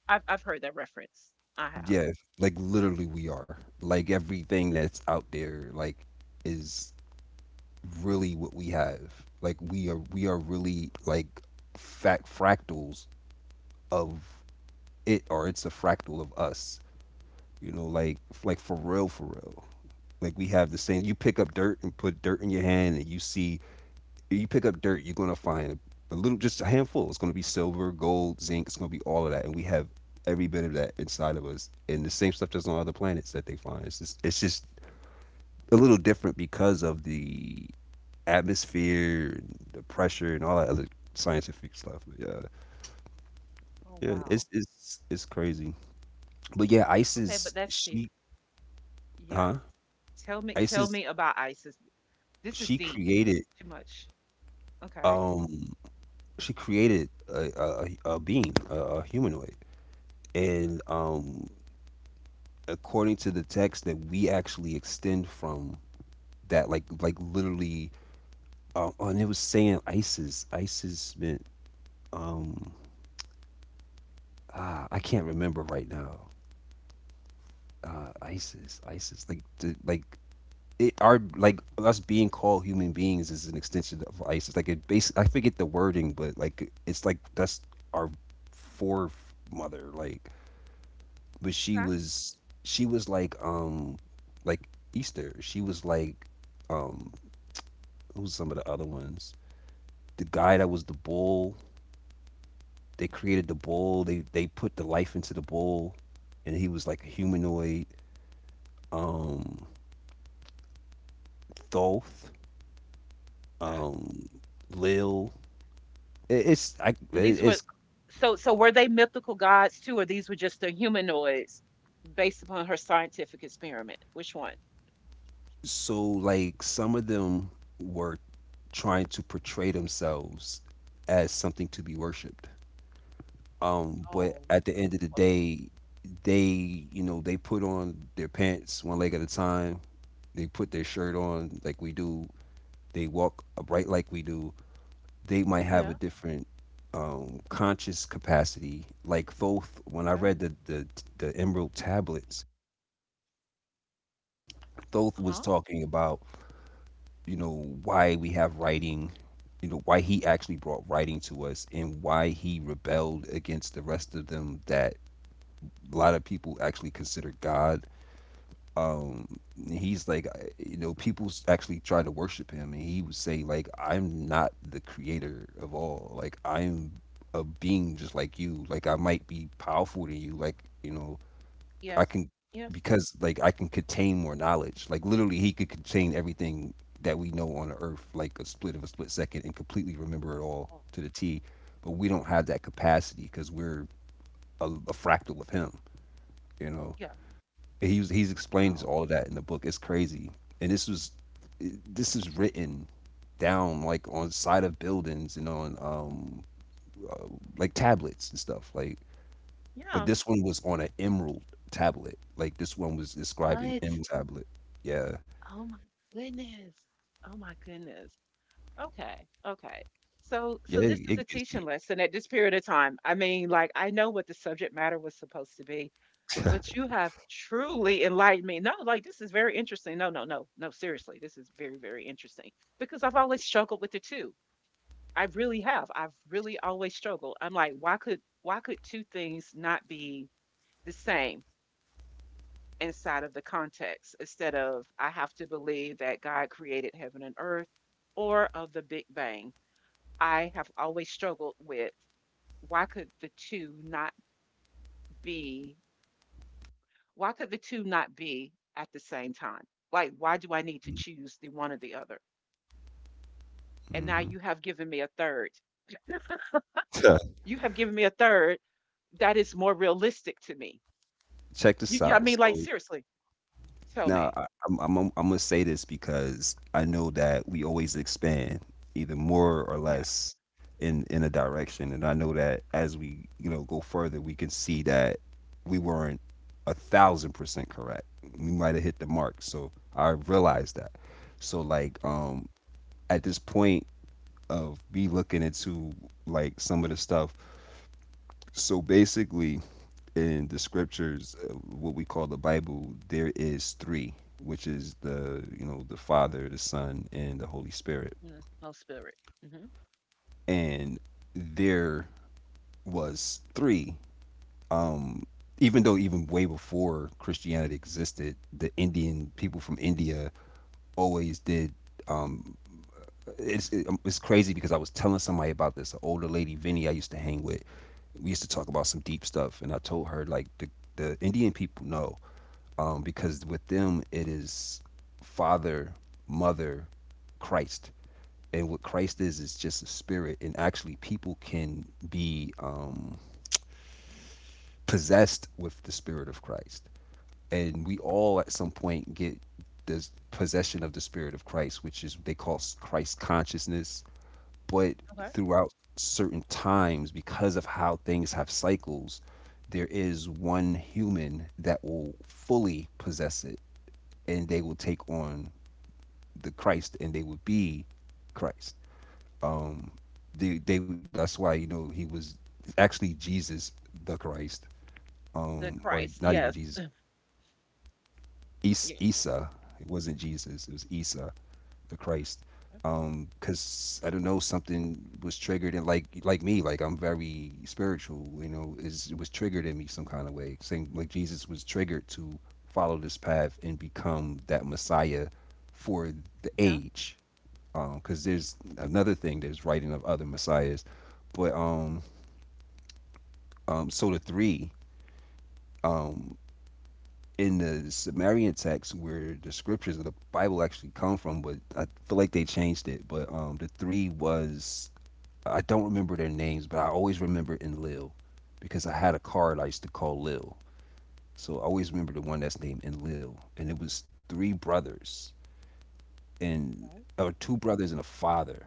[SPEAKER 2] I've I've heard that reference. I have.
[SPEAKER 1] Yeah, like literally we are. Like, everything that's out there, like, is really what we have. Like, we are we are really like fact fractals of it, or it's a fractal of us. You know, like like for real for real. Like, we have the same, you pick up dirt and put dirt in your hand, and you see, you pick up dirt, you're gonna find a, a little, just a handful. It's gonna be silver, gold, zinc, it's gonna be all of that. And we have every bit of that inside of us. And the same stuff that's on other planets that they find. It's just, it's just a little different because of the atmosphere, and the pressure, and all that other scientific stuff. But yeah,
[SPEAKER 2] Oh
[SPEAKER 1] yeah, it's
[SPEAKER 2] wow.
[SPEAKER 1] it's it's crazy. But yeah,
[SPEAKER 2] Okay, but
[SPEAKER 1] Isis,
[SPEAKER 2] that's deep.
[SPEAKER 1] she,
[SPEAKER 2] Yes.
[SPEAKER 1] huh?
[SPEAKER 2] Tell me tell
[SPEAKER 1] Isis,
[SPEAKER 2] me about ISIS. This is
[SPEAKER 1] she
[SPEAKER 2] deep.
[SPEAKER 1] created,
[SPEAKER 2] Too much. Okay.
[SPEAKER 1] um, she created a, a, a being, a, a humanoid, and um, according to the text that we actually extend from that, like like literally, um, oh, and it was saying Isis, Isis meant, um, ah, I can't remember right now. uh, Isis, Isis, like the, like it, our, like us being called human beings is an extension of Isis. Like it base, I forget the wording, but like it's like that's our foremother. Like, but she
[SPEAKER 2] Okay.
[SPEAKER 1] was she was like um like Easter. She was like um who's some of the other ones? The guy that was the bull. They created the bull. They they put the life into the bull, and he was like a humanoid. Um, Thoth.
[SPEAKER 2] Okay.
[SPEAKER 1] um, Lil. It- It's I,
[SPEAKER 2] And these were
[SPEAKER 1] it's
[SPEAKER 2] so so were they mythical gods too, or these were just the humanoids based upon her scientific experiment? Which one?
[SPEAKER 1] so like some of them were trying to portray themselves as something to be worshipped. Um, but
[SPEAKER 2] Oh,
[SPEAKER 1] at the end of the
[SPEAKER 2] wow.
[SPEAKER 1] day, they you know they put on their pants one leg at a time. They put their shirt on like we do. They walk upright like we do. They might
[SPEAKER 2] Yeah.
[SPEAKER 1] have a different um, conscious capacity. Like Thoth, when I
[SPEAKER 2] Okay.
[SPEAKER 1] read the the, the Emerald Tablets, Thoth was
[SPEAKER 2] Uh-huh.
[SPEAKER 1] talking about, you know, why we have writing, you know, why he actually brought writing to us and why he rebelled against the rest of them that a lot of people actually consider God. Um, he's like, uh, you know, people s- actually try to worship him and he would say, like, I'm not the creator of all. Like, I'm a being just like you. Like, I might be powerful than you. Like, you know, I
[SPEAKER 2] Yes.
[SPEAKER 1] can
[SPEAKER 2] Yes.
[SPEAKER 1] because like I can contain more knowledge. Like literally, he could contain everything that we know on the Earth, like a split of a split second, and completely remember it all
[SPEAKER 2] Oh,
[SPEAKER 1] to the T. But we don't have that capacity because we're a, a fractal of him. You know,
[SPEAKER 2] yeah.
[SPEAKER 1] and he's he's explained
[SPEAKER 2] Wow.
[SPEAKER 1] all of that in the book. It's crazy, and this was this is written down like on side of buildings and on um uh, like tablets and stuff. Like but
[SPEAKER 2] Yeah.
[SPEAKER 1] this one was on an emerald tablet. Like this one was described in
[SPEAKER 2] What?
[SPEAKER 1] emerald tablet. Yeah,
[SPEAKER 2] Oh my goodness. Oh my goodness. Okay. Okay. So
[SPEAKER 1] yeah,
[SPEAKER 2] so this
[SPEAKER 1] it,
[SPEAKER 2] is a
[SPEAKER 1] it gets
[SPEAKER 2] teaching
[SPEAKER 1] deep.
[SPEAKER 2] lesson at this period of time. I mean, like I know what the subject matter was supposed to be. But you have truly enlightened me. No, like this is very interesting. No, no, no, no, seriously. This is very, very interesting because I've always struggled with the two. I really have. I've really always struggled. I'm like, why could why could two things not be the same inside of the context instead of I have to believe that God created heaven and earth or of the Big Bang? I have always struggled with why could the two not be. Why could the two not be at the same time? Like, why do I need to choose the one or the other? And now
[SPEAKER 1] Mm-hmm.
[SPEAKER 2] you have given me a third. You have given me a third that is more realistic to me.
[SPEAKER 1] Check
[SPEAKER 2] You,
[SPEAKER 1] this
[SPEAKER 2] you- I
[SPEAKER 1] out.
[SPEAKER 2] mean, like,
[SPEAKER 1] So
[SPEAKER 2] seriously, tell
[SPEAKER 1] now
[SPEAKER 2] me.
[SPEAKER 1] I, I'm, I'm I'm gonna say this because I know that we always expand either more or
[SPEAKER 2] Yeah.
[SPEAKER 1] less in in a direction, and I know that as we you know go further, we can see that we weren't a thousand percent correct. We might have hit the mark. So I realized that. So like um at this point of me looking into like some of the stuff. So basically, in the scriptures, uh, what we call the Bible, there is three, which is the you know the Father, the Son, and the Holy Spirit.
[SPEAKER 2] Mm, oh, spirit. Hmm.
[SPEAKER 1] And there was three. Um, Even though even way before Christianity existed, the Indian people from India always did. um, it's it, um, it's crazy because I was telling somebody about this, an older lady, Vinny, I used to hang with. We used to talk about some deep stuff, and I told her like the the Indian people know, um, because with them it is father, mother, Christ, and what Christ is is just a spirit, and actually people can be um, possessed with the spirit of Christ, and we all at some point get the possession of the spirit of Christ, which is they call Christ consciousness, but
[SPEAKER 2] Okay.
[SPEAKER 1] throughout certain times because of how things have cycles, there is one human that will fully possess it and they will take on the Christ and they will be Christ. um they, they that's why you know he was actually Jesus the Christ.
[SPEAKER 2] The
[SPEAKER 1] Um or
[SPEAKER 2] Christ.
[SPEAKER 1] not even
[SPEAKER 2] Yes.
[SPEAKER 1] Jesus.
[SPEAKER 2] Yes.
[SPEAKER 1] Isa. It wasn't Jesus. It was Isa, the Christ.
[SPEAKER 2] Okay.
[SPEAKER 1] Um, 'cause cause I don't know something was triggered and like like me, like I'm very spiritual. You know, is it was triggered in me some kind of way. Same like Jesus was triggered to follow this path and become that Messiah for the
[SPEAKER 2] Yeah.
[SPEAKER 1] age. Um, 'cause cause there's another thing. There's writing of other messiahs, but um um so the three. um. In the Sumerian text where the scriptures of the Bible actually come from, but I feel like they changed it. But um, the three was, I don't remember their names, but I always remember Enlil because I had a card I used to call Lil. So I always remember the one that's named Enlil, and it was three brothers and,
[SPEAKER 2] Oh,
[SPEAKER 1] or two brothers and a father,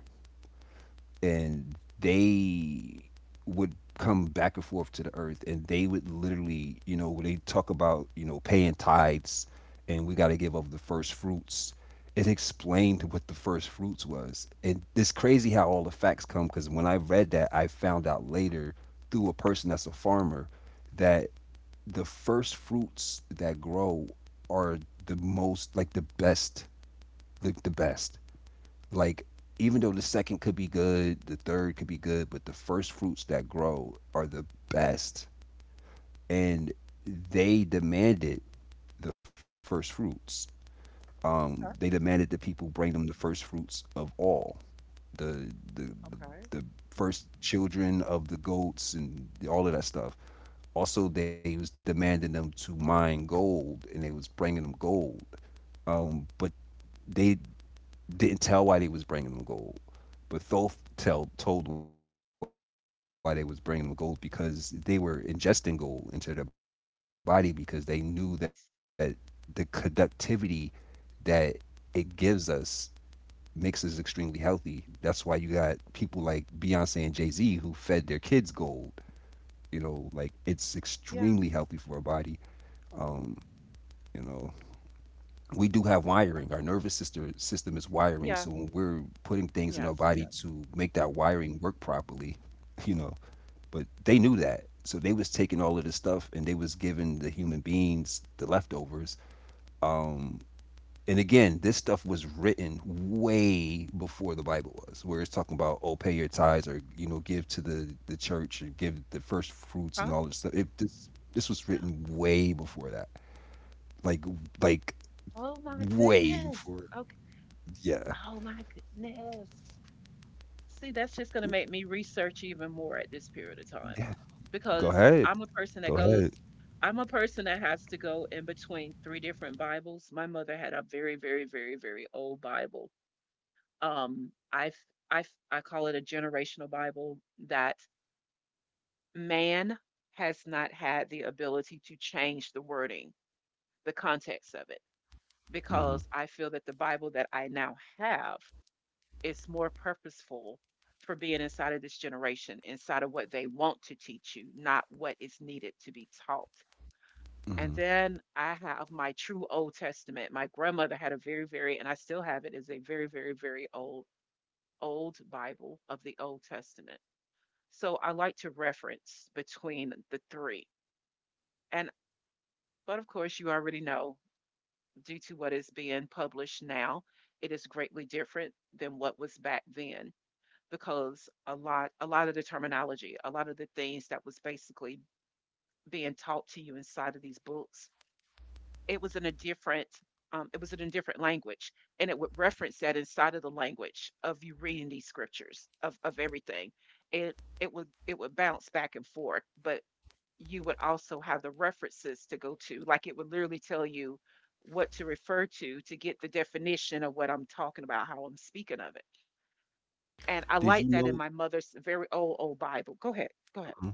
[SPEAKER 1] and they would come back and forth to the earth and they would literally you know when they talk about you know paying tithes and we got to give up the first fruits. It explained what the first fruits was and it's crazy how all the facts come because when I read that I found out later through a person that's a farmer that the first fruits that grow are the most, like the best, like the best like even though the second could be good, the third could be good, but the first fruits that grow are the best, and they demanded the first fruits. Um, they
[SPEAKER 2] okay.
[SPEAKER 1] demanded that people bring them the first fruits of all the the the,
[SPEAKER 2] Okay.
[SPEAKER 1] the first children of the goats and all of that stuff. Also, they was demanding them to mine gold, and they was bringing them gold. Um, but they didn't tell why they was bringing them gold, but Thoth tell, told why they was bringing them gold because they were ingesting gold into their body because they knew that the conductivity
[SPEAKER 2] What?
[SPEAKER 1] that it gives us makes us extremely healthy. That's why you got people like Beyonce and Jay Z who fed their kids gold. You know, like it's extremely healthy for our body.
[SPEAKER 2] Yeah.
[SPEAKER 1] Um, you know, we do have wiring. Our nervous
[SPEAKER 2] Wow.
[SPEAKER 1] system system is wiring. So when
[SPEAKER 2] Yeah.
[SPEAKER 1] we're putting things in our body
[SPEAKER 2] Yes.
[SPEAKER 1] to
[SPEAKER 2] Yes.
[SPEAKER 1] make that wiring work properly, you know. But they knew that. So they was taking all of this stuff and they was giving the human beings the leftovers. Um, and again, this stuff was written way before the Bible was, where it's talking about oh pay your tithes or you know give to the the church or give the first fruits and
[SPEAKER 2] Huh?
[SPEAKER 1] all this stuff. It, this this was
[SPEAKER 2] Yeah.
[SPEAKER 1] written way before that, like like
[SPEAKER 2] Oh my
[SPEAKER 1] way
[SPEAKER 2] goodness.
[SPEAKER 1] before.
[SPEAKER 2] Okay.
[SPEAKER 1] Yeah.
[SPEAKER 2] Oh my goodness. See, that's just going to make me research even more at this period of time
[SPEAKER 1] Go
[SPEAKER 2] because
[SPEAKER 1] ahead.
[SPEAKER 2] I'm a person that
[SPEAKER 1] Go
[SPEAKER 2] goes,
[SPEAKER 1] ahead.
[SPEAKER 2] I'm a person that has to go in between three different Bibles. My mother had a very, very, very, very old Bible. Um, I I, I call it a generational Bible that man has not had the ability to change the wording, the context of it,
[SPEAKER 1] Mhm,
[SPEAKER 2] because I feel that the Bible that I now have, it's more purposeful for being inside of this generation, inside of what they want to teach you, not what is needed to be taught. And
[SPEAKER 1] mhm.
[SPEAKER 2] then I have my true Old Testament. My grandmother had a very, very, and I still have it, is a very, very, very old, old Bible of the Old Testament. So I like to reference between the three. And, but of course, you already know, due to what is being published now, it is greatly different than what was back then, because a lot a lot of the terminology, a lot of the things that was basically being taught to you inside of these books, it was in a different um, it was in a different language, and it would reference that inside of the language of you reading these scriptures of of everything. It it would it would bounce back and forth, but you would also have the references to go to. Like, it would literally tell you what to refer to to get the definition of what I'm talking about, how I'm speaking of it. And I
[SPEAKER 1] Did you
[SPEAKER 2] like that in
[SPEAKER 1] know,
[SPEAKER 2] my mother's very old, old Bible. Go ahead. Go ahead.
[SPEAKER 1] mhm,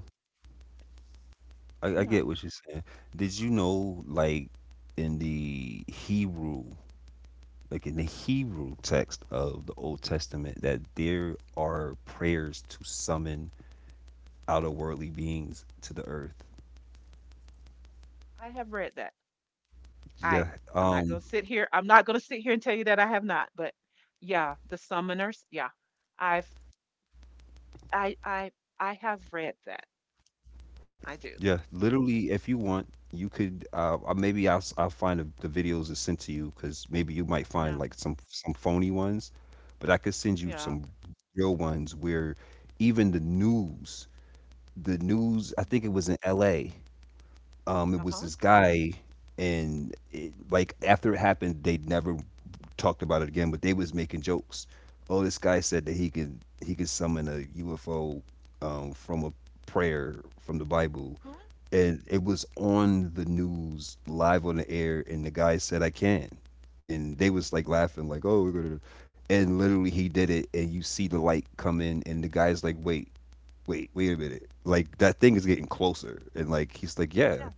[SPEAKER 1] I I
[SPEAKER 2] Yeah,
[SPEAKER 1] get what you're saying. Did you know, like, in the Hebrew, like in the Hebrew text of the Old Testament, that there are prayers to summon out of worldly beings to the earth?
[SPEAKER 2] I have read that. I
[SPEAKER 1] Yeah.
[SPEAKER 2] I'm not gonna
[SPEAKER 1] Um,
[SPEAKER 2] sit here. I'm not gonna sit here and tell you that I have not, but yeah, the summoners, yeah. I've I I I have read that. I do.
[SPEAKER 1] Yeah, literally, if you want, you could. Uh, uh, maybe I'll s- I'll find the, the videos and send to you because maybe you might find
[SPEAKER 2] Yeah,
[SPEAKER 1] like some some phony ones, but I could send you
[SPEAKER 2] yeah.
[SPEAKER 1] some real ones where even the news, the news. I think it was in L A. Um, it was
[SPEAKER 2] Uh-huh.
[SPEAKER 1] this guy, and it, like after it happened, they never talked about it again. But they was making jokes. Oh, this guy said that he could he could summon a U F O um, from a prayer from the Bible,
[SPEAKER 2] Mhm.
[SPEAKER 1] and it was on the news live on the air and the guy said I can, and they was like laughing like oh we're gonna, and literally he did it and you see the light come in and the guy's like wait, wait wait a minute, like that thing is getting closer, and like he's like yeah,
[SPEAKER 2] Yeah.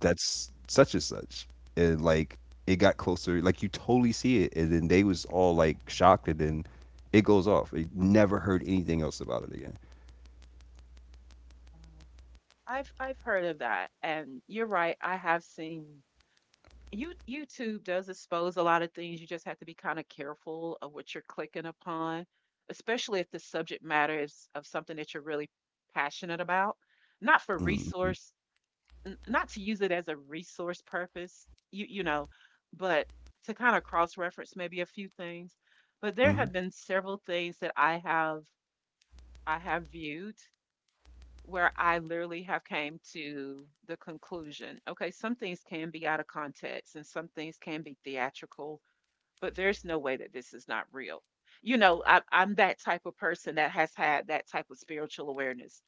[SPEAKER 1] that's such and such, and like it got closer, like you totally see it, and then they was all like shocked, and then it goes off, they never heard anything else about it again.
[SPEAKER 2] Wow. I've I've heard of that. And you're right, I have seen. You YouTube does expose a lot of things. You just have to be kind of careful of what you're clicking upon, especially if the subject matter is of something that you're really passionate about. Not for
[SPEAKER 1] Mm-hmm,
[SPEAKER 2] resource, n- not to use it as a resource purpose, you you know, but to kind of cross-reference maybe a few things. But there
[SPEAKER 1] mm-hmm,
[SPEAKER 2] have been several things that I have, I have viewed where I literally have came to the conclusion, okay, some things can be out of context and some things can be theatrical, but there's no way that this is not real. You know, I, I'm that type of person that has had that type of spiritual awareness.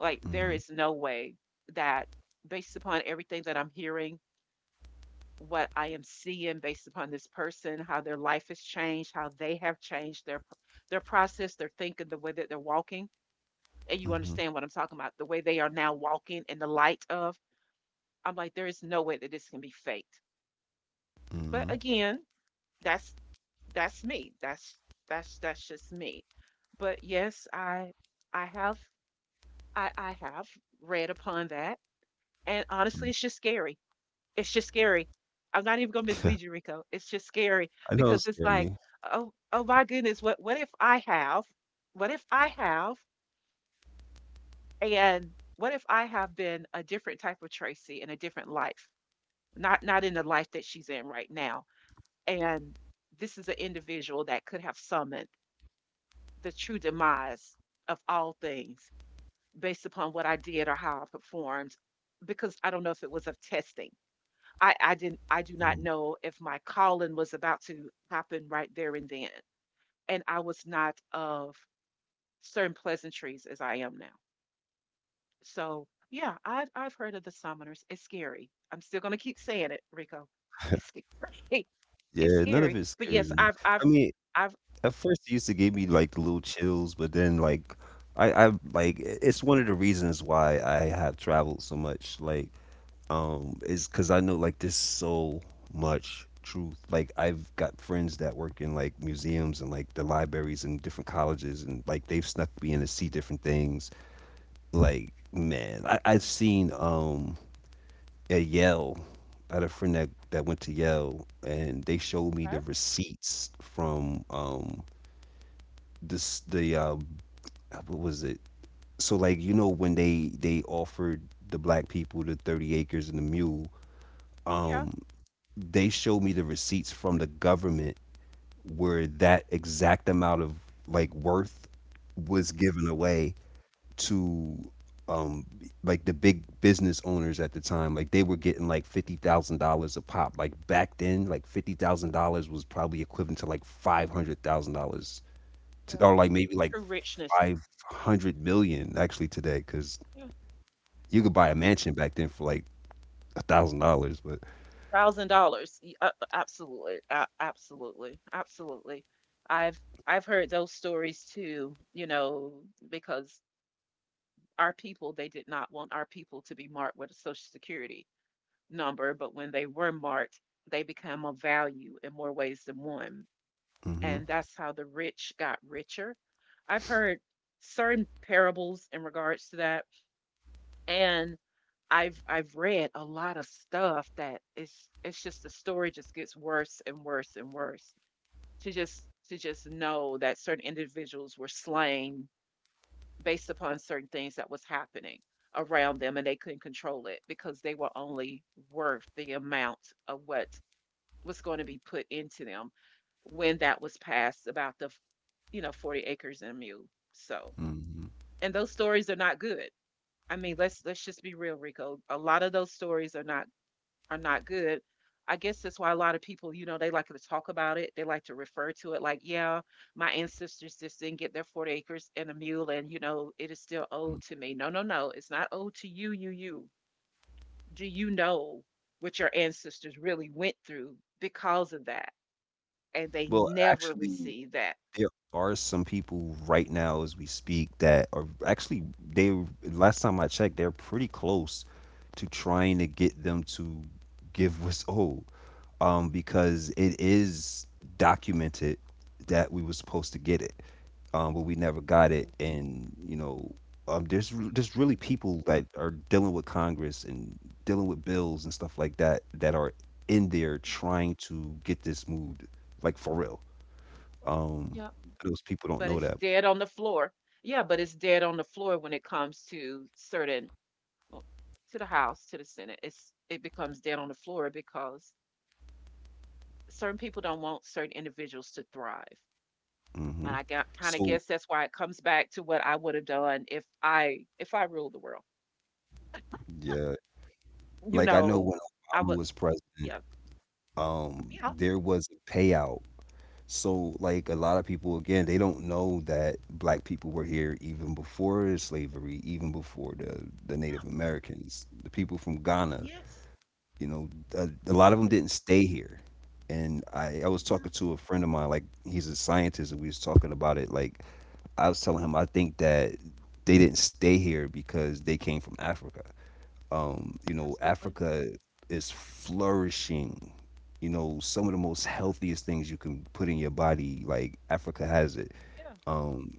[SPEAKER 2] Like, there
[SPEAKER 1] mm-hmm,
[SPEAKER 2] is no way that, based upon everything that I'm hearing, what I am seeing, based upon this person, how their life has changed, how they have changed their their process, their thinking, the way that they're walking, and you
[SPEAKER 1] mm-hmm,
[SPEAKER 2] understand what I'm talking about, the way they are now walking in the light of, I'm like, there is no way that this can be faked. But again, that's that's me. That's that's that's just me. But yes, I I have I, I have read upon that. And honestly,
[SPEAKER 1] mm-hmm.
[SPEAKER 2] it's just scary. It's just scary. I'm not even gonna mislead you, Rico. It's just scary
[SPEAKER 1] I don't
[SPEAKER 2] because it's
[SPEAKER 1] scare
[SPEAKER 2] like,
[SPEAKER 1] me.
[SPEAKER 2] oh, oh my goodness, what what if I have, what if I have. And what if I have been a different type of Tracy in a different life, not not in the life that she's in right now? And this is an individual that could have summoned the true demise of all things based upon what I did or how I performed, because I don't know if it was of testing. I, I didn't, I do
[SPEAKER 1] Mm.
[SPEAKER 2] not know if my calling was about to happen right there and then. And I was not of certain pleasantries as I am now. So yeah, I've I've heard of the summoners. It's scary. I'm still gonna keep saying it, Rico. It's scary. It's
[SPEAKER 1] Yeah, none of
[SPEAKER 2] scary.
[SPEAKER 1] it
[SPEAKER 2] But
[SPEAKER 1] scares
[SPEAKER 2] yes,
[SPEAKER 1] me.
[SPEAKER 2] I've I've
[SPEAKER 1] I mean,
[SPEAKER 2] I've
[SPEAKER 1] at first it used to give me
[SPEAKER 2] yeah.
[SPEAKER 1] like the little chills, but then like I I like i- it's one of the reasons why I have traveled so much. Like um is cuz I know like there's so much truth. Like I've got friends that work in like museums and like the libraries and different colleges and like they've snuck me in to see different things. Like man, I I've seen um at Yale. I had a friend that, that went to Yale, and they showed me
[SPEAKER 2] Okay.
[SPEAKER 1] the receipts from um this the uh, what was it? So like you know when they they offered the black people the thirty acres and the mule,
[SPEAKER 2] Yeah.
[SPEAKER 1] um they showed me the receipts from the government where that exact amount of like worth was given away to um like the big business owners at the time, like they were getting like fifty thousand dollars a pop, like back then like fifty thousand dollars was probably equivalent to like five hundred thousand dollars,
[SPEAKER 2] Yeah.
[SPEAKER 1] or like maybe like
[SPEAKER 2] True richness.
[SPEAKER 1] five hundred million actually today, cuz
[SPEAKER 2] Yeah.
[SPEAKER 1] you could buy
[SPEAKER 2] Yeah.
[SPEAKER 1] a mansion back then for like a thousand dollars, but
[SPEAKER 2] Thousand dollars. Absolutely. a- Absolutely. Absolutely. I've I've heard those stories too, you know, because our people, they did not want our people to be marked with a social security number, but when they were marked, they become a value in more ways than one.
[SPEAKER 1] mhm,
[SPEAKER 2] And that's how the rich got richer. I've heard certain parables in regards to that. And I've I've read a lot of stuff that it's it's just the story just gets worse and worse and worse. To just to just know that certain individuals were slain based upon certain things that was happening around them and they couldn't control it because they were only worth the amount of what was going to be put into them when that was passed about the, you know, forty acres and a mule. So,
[SPEAKER 1] mhm,
[SPEAKER 2] and those stories are not good. I mean, let's let's just be real, Rico. A lot of those stories are not, are not good. I guess that's why a lot of people, you know, they like to talk about it. They like to refer to it like, yeah, my ancestors just didn't get their forty acres and a mule, and, you know, it is still
[SPEAKER 1] mhm.
[SPEAKER 2] owed to me. No, no, no. It's not owed to you, you, you. Do you know what your ancestors really went through because of that? And they
[SPEAKER 1] Well
[SPEAKER 2] never
[SPEAKER 1] actually,
[SPEAKER 2] receive that.
[SPEAKER 1] there are some people right now as we speak that are actually, they last time I checked, they're pretty close to trying to get them to give what's owed. Um, because it is documented that we were supposed to get it. Um, but we never got it
[SPEAKER 2] Yep.
[SPEAKER 1] and you know, um, there's re- there's really
[SPEAKER 2] Yep.
[SPEAKER 1] people that are dealing with Congress and dealing with bills and stuff like that that are in there trying to get this moved, like for real. Um,
[SPEAKER 2] Yep.
[SPEAKER 1] those people don't
[SPEAKER 2] But
[SPEAKER 1] know
[SPEAKER 2] it's
[SPEAKER 1] that.
[SPEAKER 2] dead on the floor. Yeah, but it's dead on the floor when it comes to certain, well, to the House, to the Senate. It's it becomes dead on the floor because certain people don't want certain individuals to thrive. And
[SPEAKER 1] Hmm
[SPEAKER 2] I got kind of
[SPEAKER 1] So
[SPEAKER 2] guess that's why it comes back to what I would have done if I if I ruled the world.
[SPEAKER 1] yeah,
[SPEAKER 2] You
[SPEAKER 1] like I know
[SPEAKER 2] know,
[SPEAKER 1] when
[SPEAKER 2] I
[SPEAKER 1] Obama
[SPEAKER 2] would.
[SPEAKER 1] was president,
[SPEAKER 2] Yeah,
[SPEAKER 1] um,
[SPEAKER 2] yeah,
[SPEAKER 1] there was a payout. So like a lot of people again, they don't know that black people were here even before slavery, even before the the
[SPEAKER 2] yeah,
[SPEAKER 1] Native Americans, the people from Ghana.
[SPEAKER 2] yes,
[SPEAKER 1] You know, a, a lot of them
[SPEAKER 2] yes,
[SPEAKER 1] didn't stay here. And I, I was
[SPEAKER 2] yeah,
[SPEAKER 1] talking to a friend of mine, like he's a scientist, and we was talking about it, like I was telling him I think that they didn't stay here because they came from Africa. Um, you know,
[SPEAKER 2] absolutely.
[SPEAKER 1] Africa is flourishing. You know, some of the most healthiest things you can put in your body, like Africa has it.
[SPEAKER 2] Yeah, yeah,
[SPEAKER 1] Um,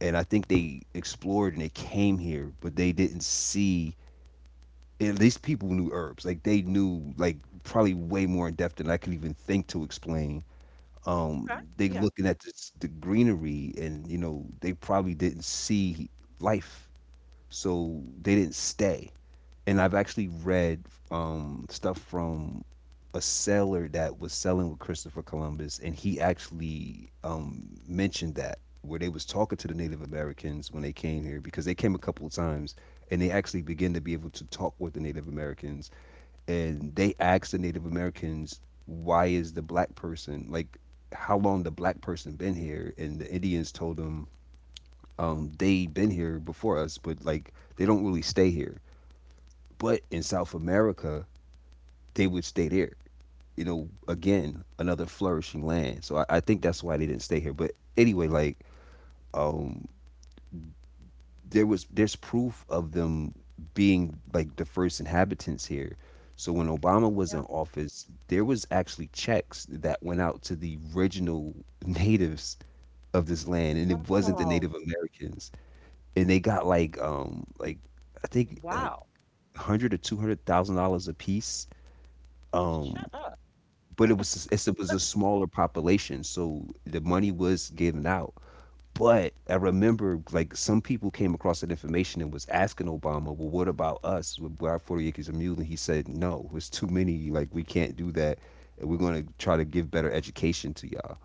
[SPEAKER 1] and I think they explored and they came here, but they didn't see. At least people knew herbs. Like they knew, like probably way more in depth than I could even think to explain
[SPEAKER 2] okay,
[SPEAKER 1] um, They
[SPEAKER 2] yeah,
[SPEAKER 1] looking at this, the greenery, and you know they probably didn't see life, so they didn't stay. And I've actually read um, stuff from a sailor that was sailing with Christopher Columbus, and he actually um, mentioned that where they was talking to the Native Americans when they came here because they came a couple of times, and they actually began to be able to talk with the Native Americans and they asked the Native Americans, "Why is the black person like? How long the black person been here?" And the Indians told them, um, "They been here before us, but like they don't really stay here. But in South America, they would stay there. You know, again, another flourishing land. So I, I think that's why they didn't stay here. But anyway, like." Um, there was there's proof of them being like the first inhabitants here. So when Obama was
[SPEAKER 2] yeah.
[SPEAKER 1] in office, there was actually checks that went out to the original natives of this land, and it wasn't the
[SPEAKER 2] Wow.
[SPEAKER 1] Native Americans, and they got like um like I think like
[SPEAKER 2] Wow.
[SPEAKER 1] hundred or two hundred thousand dollars a piece.
[SPEAKER 2] Shut
[SPEAKER 1] Um,
[SPEAKER 2] up.
[SPEAKER 1] but it was it's- it was a smaller population, so the money was given out but I remember like some people came across that information and was asking Obama, well, what about us? With our forty Acres of Mule. And he said, no, it's too many. Like, we can't do that. And we're going to try to give better education to y'all.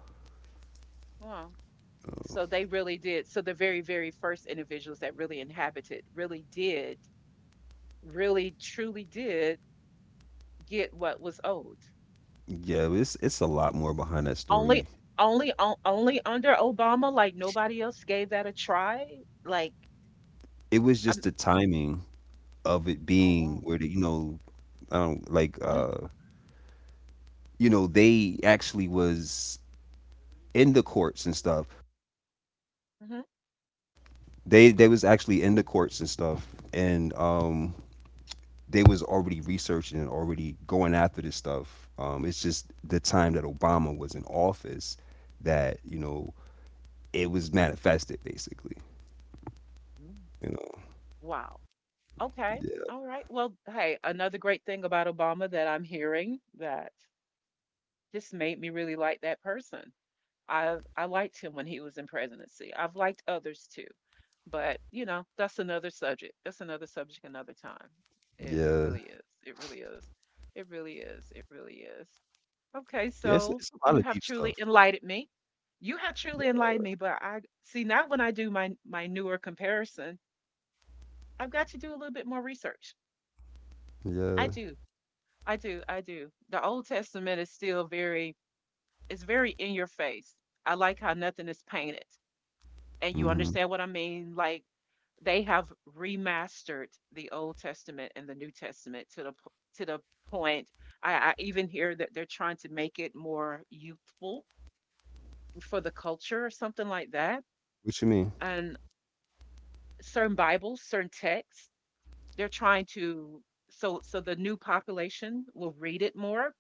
[SPEAKER 2] Wow. So they really did. So the very, very first individuals that really inhabited really did, really truly did get what was owed.
[SPEAKER 1] Yeah, it's, it's a lot more behind that
[SPEAKER 2] Only
[SPEAKER 1] story.
[SPEAKER 2] only on- only under Obama, like nobody else gave that a try. Like
[SPEAKER 1] It was just
[SPEAKER 2] I'm,
[SPEAKER 1] the timing of it
[SPEAKER 2] oh
[SPEAKER 1] being
[SPEAKER 2] wow.
[SPEAKER 1] where, the, you know, I don't like,
[SPEAKER 2] Mm,
[SPEAKER 1] uh, you know, they actually was in the courts and stuff.
[SPEAKER 2] mhm.
[SPEAKER 1] They, they was actually in the courts and stuff. And, um, they was already researching and already going after this stuff. Um, it's just the time that Obama was in office that you know it was manifested basically.
[SPEAKER 2] Mm,
[SPEAKER 1] You know,
[SPEAKER 2] wow. Okay.
[SPEAKER 1] yeah,
[SPEAKER 2] All right. Well, hey, another great thing about Obama that I'm hearing that just made me really like that person. I I liked him when he was in presidency. I've liked others too, but you know that's another subject. That's another subject another time. It it
[SPEAKER 1] yeah,
[SPEAKER 2] really is. It really is. It really is. It really is. Okay,
[SPEAKER 1] yes,
[SPEAKER 2] so
[SPEAKER 1] it's a lot
[SPEAKER 2] you
[SPEAKER 1] of
[SPEAKER 2] have
[SPEAKER 1] deep
[SPEAKER 2] truly
[SPEAKER 1] stuff.
[SPEAKER 2] enlightened me. You have truly
[SPEAKER 1] Yeah,
[SPEAKER 2] enlightened me, but I see now when I do my my newer comparison, I've got to do a little bit more research. I
[SPEAKER 1] yeah.
[SPEAKER 2] do. I do. I do. The Old Testament is still very, it's very in your face. I like how nothing is painted. And you
[SPEAKER 1] hmm
[SPEAKER 2] understand what I mean? Like they have remastered the Old Testament and the New Testament to the p- to the point. I, I even hear that they're trying to make it more youthful for the culture or something like that.
[SPEAKER 1] What you mean?
[SPEAKER 2] And certain Bibles, certain texts, they're trying to, so so the new population will read it more.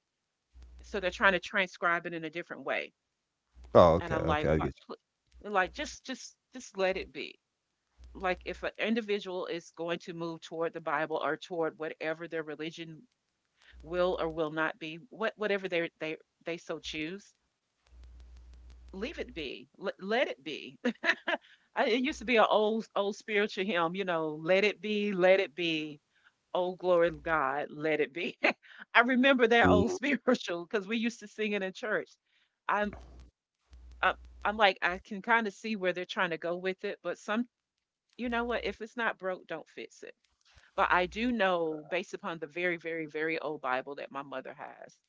[SPEAKER 2] So they're trying to transcribe it in a different way.
[SPEAKER 1] Oh,
[SPEAKER 2] And
[SPEAKER 1] okay,
[SPEAKER 2] I'm
[SPEAKER 1] okay,
[SPEAKER 2] like,
[SPEAKER 1] I
[SPEAKER 2] what?
[SPEAKER 1] get
[SPEAKER 2] pl- Like just just just let it be like if an individual is going to move toward the Bible or toward whatever their religion will or will not be, what whatever they they they so choose, leave it be, let, let it be. I, it used to be an old old spiritual hymn, you know, let it be, let it be. Oh glory to God, let it be. I remember that old
[SPEAKER 1] you.
[SPEAKER 2] spiritual because we used to sing it in church. I'm I'm, I'm like I can kind of see where they're trying to go with it, but some you know what? If it's not broke, don't fix it. But I do know, based upon the very, very, very old Bible that my mother has,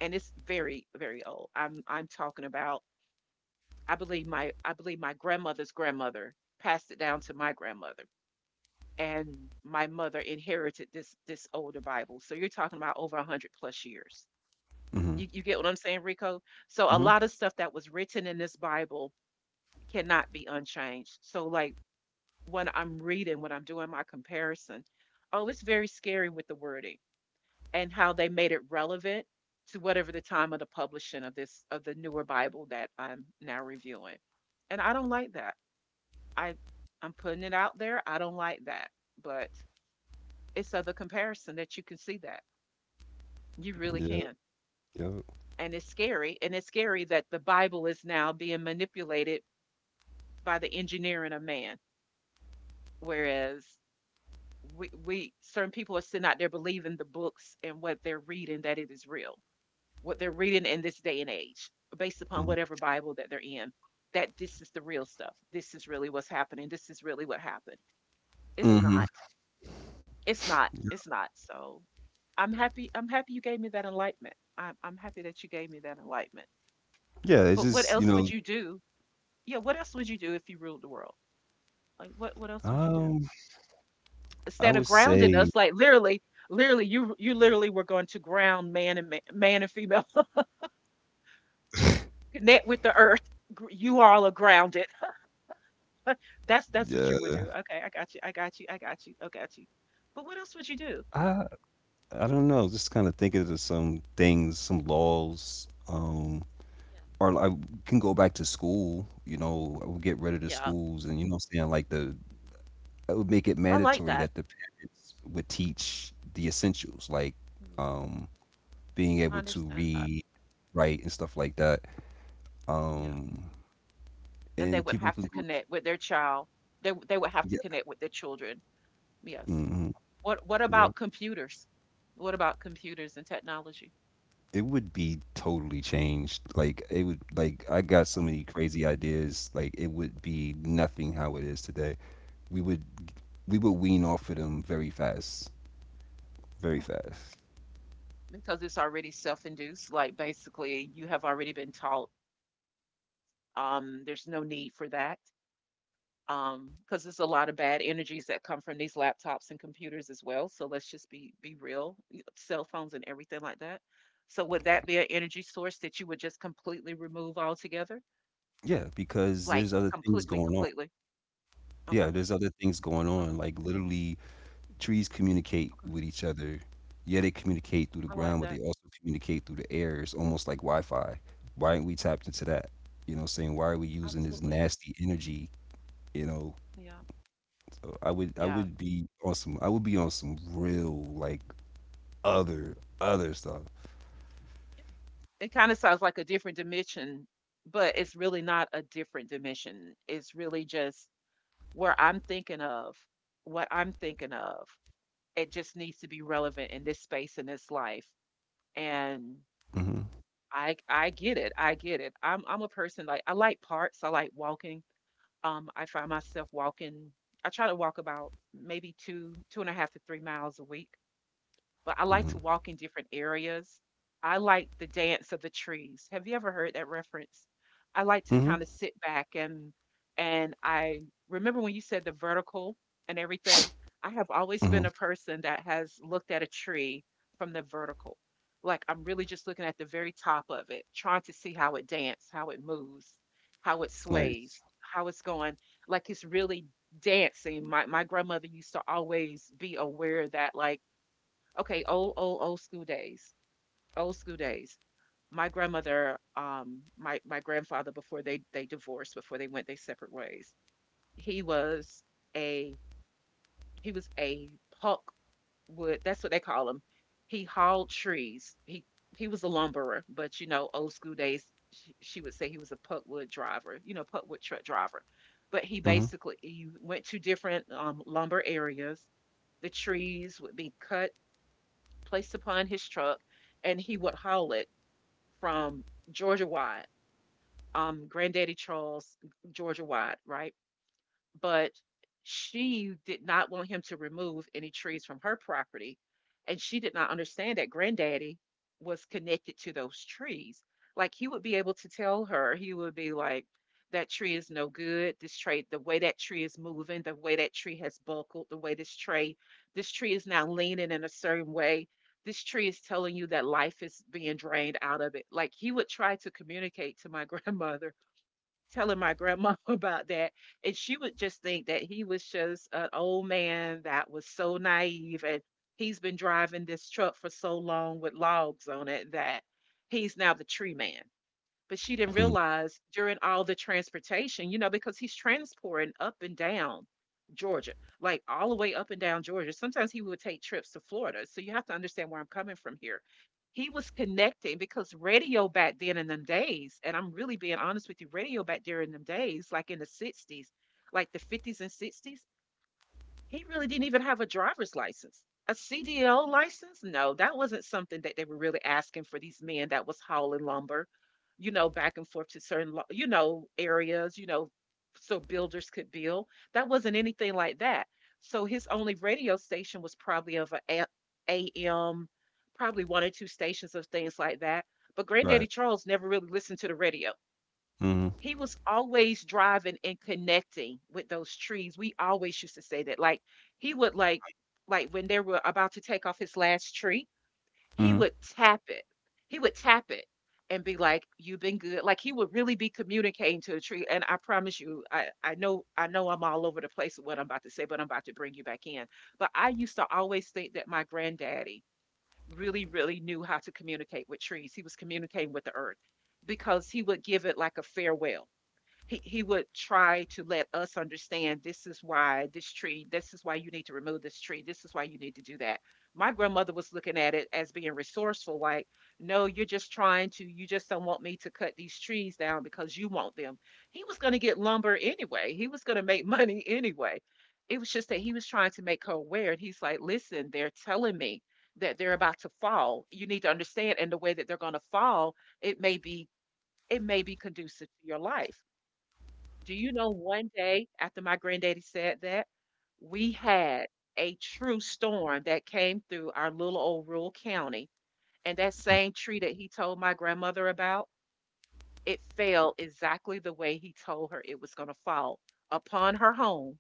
[SPEAKER 2] and it's very, very old. I'm I'm talking about. I believe my I believe my grandmother's grandmother passed it down to my grandmother, and my mother inherited this this older Bible. So you're talking about over one hundred plus years.
[SPEAKER 1] Mm-hmm.
[SPEAKER 2] You you get what I'm saying, Rico? So a
[SPEAKER 1] hmm
[SPEAKER 2] lot of stuff that was written in this Bible cannot be unchanged. So like when I'm reading, when I'm doing my comparison, oh, it's very scary with the wording and how they made it relevant to whatever the time of the publishing of this of the newer Bible that I'm now reviewing. And I don't like that. I I'm putting it out there. I don't like that. But it's other comparison that you can see that. You really
[SPEAKER 1] Yeah,
[SPEAKER 2] can.
[SPEAKER 1] yeah.
[SPEAKER 2] And it's scary. And it's scary that the Bible is now being manipulated by the engineering of man. Whereas we, we certain people are sitting out there believing the books and what they're reading that it is real. What they're reading in this day and age, based upon
[SPEAKER 1] hmm
[SPEAKER 2] whatever Bible that they're in, that this is the real stuff. This is really what's happening. This is really what happened. It's
[SPEAKER 1] hmm
[SPEAKER 2] not. It's not. It's not. So I'm happy. I'm happy you gave me that enlightenment. I'm, I'm happy that you gave me that enlightenment.
[SPEAKER 1] Yeah, it's
[SPEAKER 2] But what
[SPEAKER 1] just you
[SPEAKER 2] else
[SPEAKER 1] know,
[SPEAKER 2] would you do? Yeah, what else would you do if you ruled the world? Like, what what else would you do
[SPEAKER 1] um, I
[SPEAKER 2] instead of
[SPEAKER 1] would
[SPEAKER 2] grounding
[SPEAKER 1] say,
[SPEAKER 2] us? Like, literally, literally, you you literally were going to ground man and ma- man and female, connect with the earth. You all are grounded. That's that's what you
[SPEAKER 1] yeah,
[SPEAKER 2] would do. Okay, I got you. I got you. I got you. I got you. But what else would you do?
[SPEAKER 1] I I don't know. Just kind of thinking of some things, some laws. Um,
[SPEAKER 2] Yeah.
[SPEAKER 1] or I can go back to school. You know, I would get rid of the
[SPEAKER 2] Yeah.
[SPEAKER 1] schools, and you know, what I'm saying like the I would make it
[SPEAKER 2] I like
[SPEAKER 1] mandatory
[SPEAKER 2] that.
[SPEAKER 1] that the parents would teach the essentials, like
[SPEAKER 2] Mhm.
[SPEAKER 1] um, being
[SPEAKER 2] I
[SPEAKER 1] able to
[SPEAKER 2] understand that.
[SPEAKER 1] read, write, and stuff like that.
[SPEAKER 2] Yeah.
[SPEAKER 1] Um,
[SPEAKER 2] And they
[SPEAKER 1] and
[SPEAKER 2] would
[SPEAKER 1] people
[SPEAKER 2] have to
[SPEAKER 1] can go.
[SPEAKER 2] connect with their child. They w- they would have to
[SPEAKER 1] Yeah.
[SPEAKER 2] connect with their children.
[SPEAKER 1] hmm
[SPEAKER 2] Yes.
[SPEAKER 1] Yeah. mm-hmm,
[SPEAKER 2] What what
[SPEAKER 1] yep.
[SPEAKER 2] about computers? What about computers and technology?
[SPEAKER 1] It would be totally changed. Like it would like I got so
[SPEAKER 2] Okay.
[SPEAKER 1] many crazy ideas. Like it would be nothing how it is today. We would we would wean off of them very fast, very
[SPEAKER 2] Okay.
[SPEAKER 1] fast.
[SPEAKER 2] Because it's already self-induced, like basically you have already been taught, um, there's no need for that. Um, because there's a lot of bad energies that come from these laptops and computers as well, so let's just be be real, cell phones and everything like that. So would that be an energy source that you would just completely remove altogether?
[SPEAKER 1] Yeah, because
[SPEAKER 2] Like
[SPEAKER 1] there's other things
[SPEAKER 2] completely
[SPEAKER 1] going on.
[SPEAKER 2] completely. Okay.
[SPEAKER 1] Yeah, there's other things going on.
[SPEAKER 2] Okay.
[SPEAKER 1] Like literally, trees communicate
[SPEAKER 2] Okay,
[SPEAKER 1] with each other. Yeah, they communicate through the
[SPEAKER 2] I like
[SPEAKER 1] ground, but they
[SPEAKER 2] that.
[SPEAKER 1] also communicate through the air. It's almost like Wi-Fi. Why aren't we tapped into that? You know, what I'm saying why are we using this
[SPEAKER 2] Absolutely.
[SPEAKER 1] nasty energy? You know,
[SPEAKER 2] Yeah.
[SPEAKER 1] Uh, I would I
[SPEAKER 2] Yeah.
[SPEAKER 1] would be on some I would be on some real like other other stuff.
[SPEAKER 2] It kind of sounds like a different dimension, but it's really not a different dimension, it's really just where I'm thinking of, what I'm thinking of. It just needs to be relevant in this space, in this life. And
[SPEAKER 1] Mhm.
[SPEAKER 2] i i get it, I get it. I'm i'm a person, like I like parks, I like walking. Um, I find myself walking. I try to walk about maybe two two and a half to three miles a week, but I
[SPEAKER 1] Mhm.
[SPEAKER 2] like to walk in different areas. I like the dance of the trees. Have you ever heard that reference? I like to
[SPEAKER 1] Mhm.
[SPEAKER 2] kind of sit back, and and I remember when you said the vertical and everything. I have always
[SPEAKER 1] Mhm.
[SPEAKER 2] been a person that has looked at a tree from the vertical. Like I'm really just looking at the very top of it, trying to see how it dances, how it moves, how it
[SPEAKER 1] Nice.
[SPEAKER 2] sways, how it's going. Like it's really dancing. My my grandmother used to always be aware of that. Like, okay, old, old, old school days. Old school days. My grandmother, um, my my grandfather before they they divorced, before they went their separate ways. He was a, he was a pulk wood. That's what they call him. He hauled trees. He he was a lumberer, but you know, old school days. She, she would say he was a puck wood driver. You know, puck wood truck driver. But he
[SPEAKER 1] Mhm.
[SPEAKER 2] basically, he went to different, um, lumber areas. The trees would be cut, placed upon his truck, and he would haul it from Georgia wide, um, Granddaddy Charles, Georgia wide, right? But she did not want him to remove any trees from her property. And she did not understand that granddaddy was connected to those trees. Like he would be able to tell her, he would be like, that tree is no good. This tree, the way that tree is moving, the way that tree has buckled, the way this tree, this tree is now leaning in a certain way. This tree is telling you that life is being drained out of it. Like he would try to communicate to my grandmother, telling my grandma about that, and she would just think that he was just an old man that was so naive, and he's been driving this truck for so long with logs on it that he's now the tree man. But she didn't
[SPEAKER 1] Mhm.
[SPEAKER 2] realize during all the transportation, you know, because he's transporting up and down Georgia, like all the way up and down Georgia. Sometimes he would take trips to Florida. So you have to understand where I'm coming from here. He was connecting because radio back then in them days, and I'm really being honest with you, radio back there in them days, like in the sixties, like the fifties and sixties, he really didn't even have a driver's license. A C D L license? No, that wasn't something that they were really asking for these men that was hauling lumber, you know, back and forth to certain, lo- you know, areas, you know, so builders could build. That wasn't anything like that. So his only radio station was probably of a a- AM, probably one or two stations of things like that. But Granddaddy
[SPEAKER 1] Right.
[SPEAKER 2] Charles never really listened to the radio,
[SPEAKER 1] Mhm.
[SPEAKER 2] he was always driving and connecting with those trees. We always used to say that. Like he would like like when they were about to take off his last tree, he
[SPEAKER 1] Mhm.
[SPEAKER 2] would tap it. He would tap it and be like, you've been good. Like he would really be communicating to the tree. And I promise you, I, I know, I know I'm all over the place with what I'm about to say, but I'm about to bring you back in. But I used to always think that my granddaddy really, really knew how to communicate with trees. He was communicating with the earth because he would give it like a farewell. He he would try to let us understand, this is why this tree, this is why you need to remove this tree, this is why you need to do that. My grandmother was looking at it as being resourceful, like no, you're just trying to, you just don't want me to cut these trees down because you want them. He was going to get lumber anyway, he was going to make money anyway. It was just that he was trying to make her aware, and he's like, listen, they're telling me that they're about to fall, you need to understand, and the way that they're going to fall, it may be it may be conducive to your life. Do you know one day after my granddaddy said that, we had a true storm that came through our little old rural county. And that
[SPEAKER 1] Mhm.
[SPEAKER 2] same tree that he told my grandmother about, it fell exactly the way he told her it was going to fall upon her home,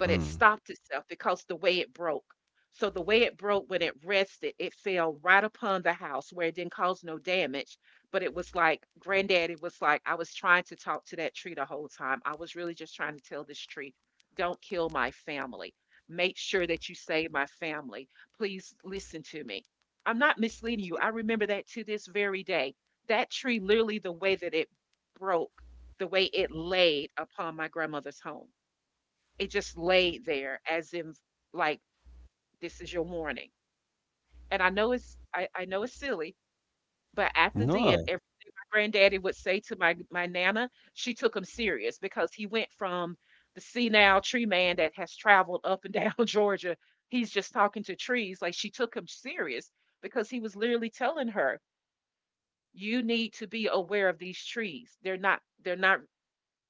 [SPEAKER 2] but it
[SPEAKER 1] Mm.
[SPEAKER 2] stopped itself because the way it broke. So the way it broke, when it rested, it fell right upon the house where it didn't cause no damage. But it was like granddaddy was like, I was trying to talk to that tree the whole time. I was really just trying to tell this tree, don't kill my family. Make sure that you save my family. Please listen to me. I'm not misleading you. I remember that to this very day. That tree, literally, the way that it broke, the way it laid upon my grandmother's home, it just laid there as if, like, this is your warning. And I know it's, I, I know it's silly, but after then,
[SPEAKER 1] No,
[SPEAKER 2] if my granddaddy would say to my my nana, she took him serious because he went from the senile tree man that has traveled up and down Georgia. He's just talking to trees. Like she took him serious because he was literally telling her, you need to be aware of these trees. They're not, they're not,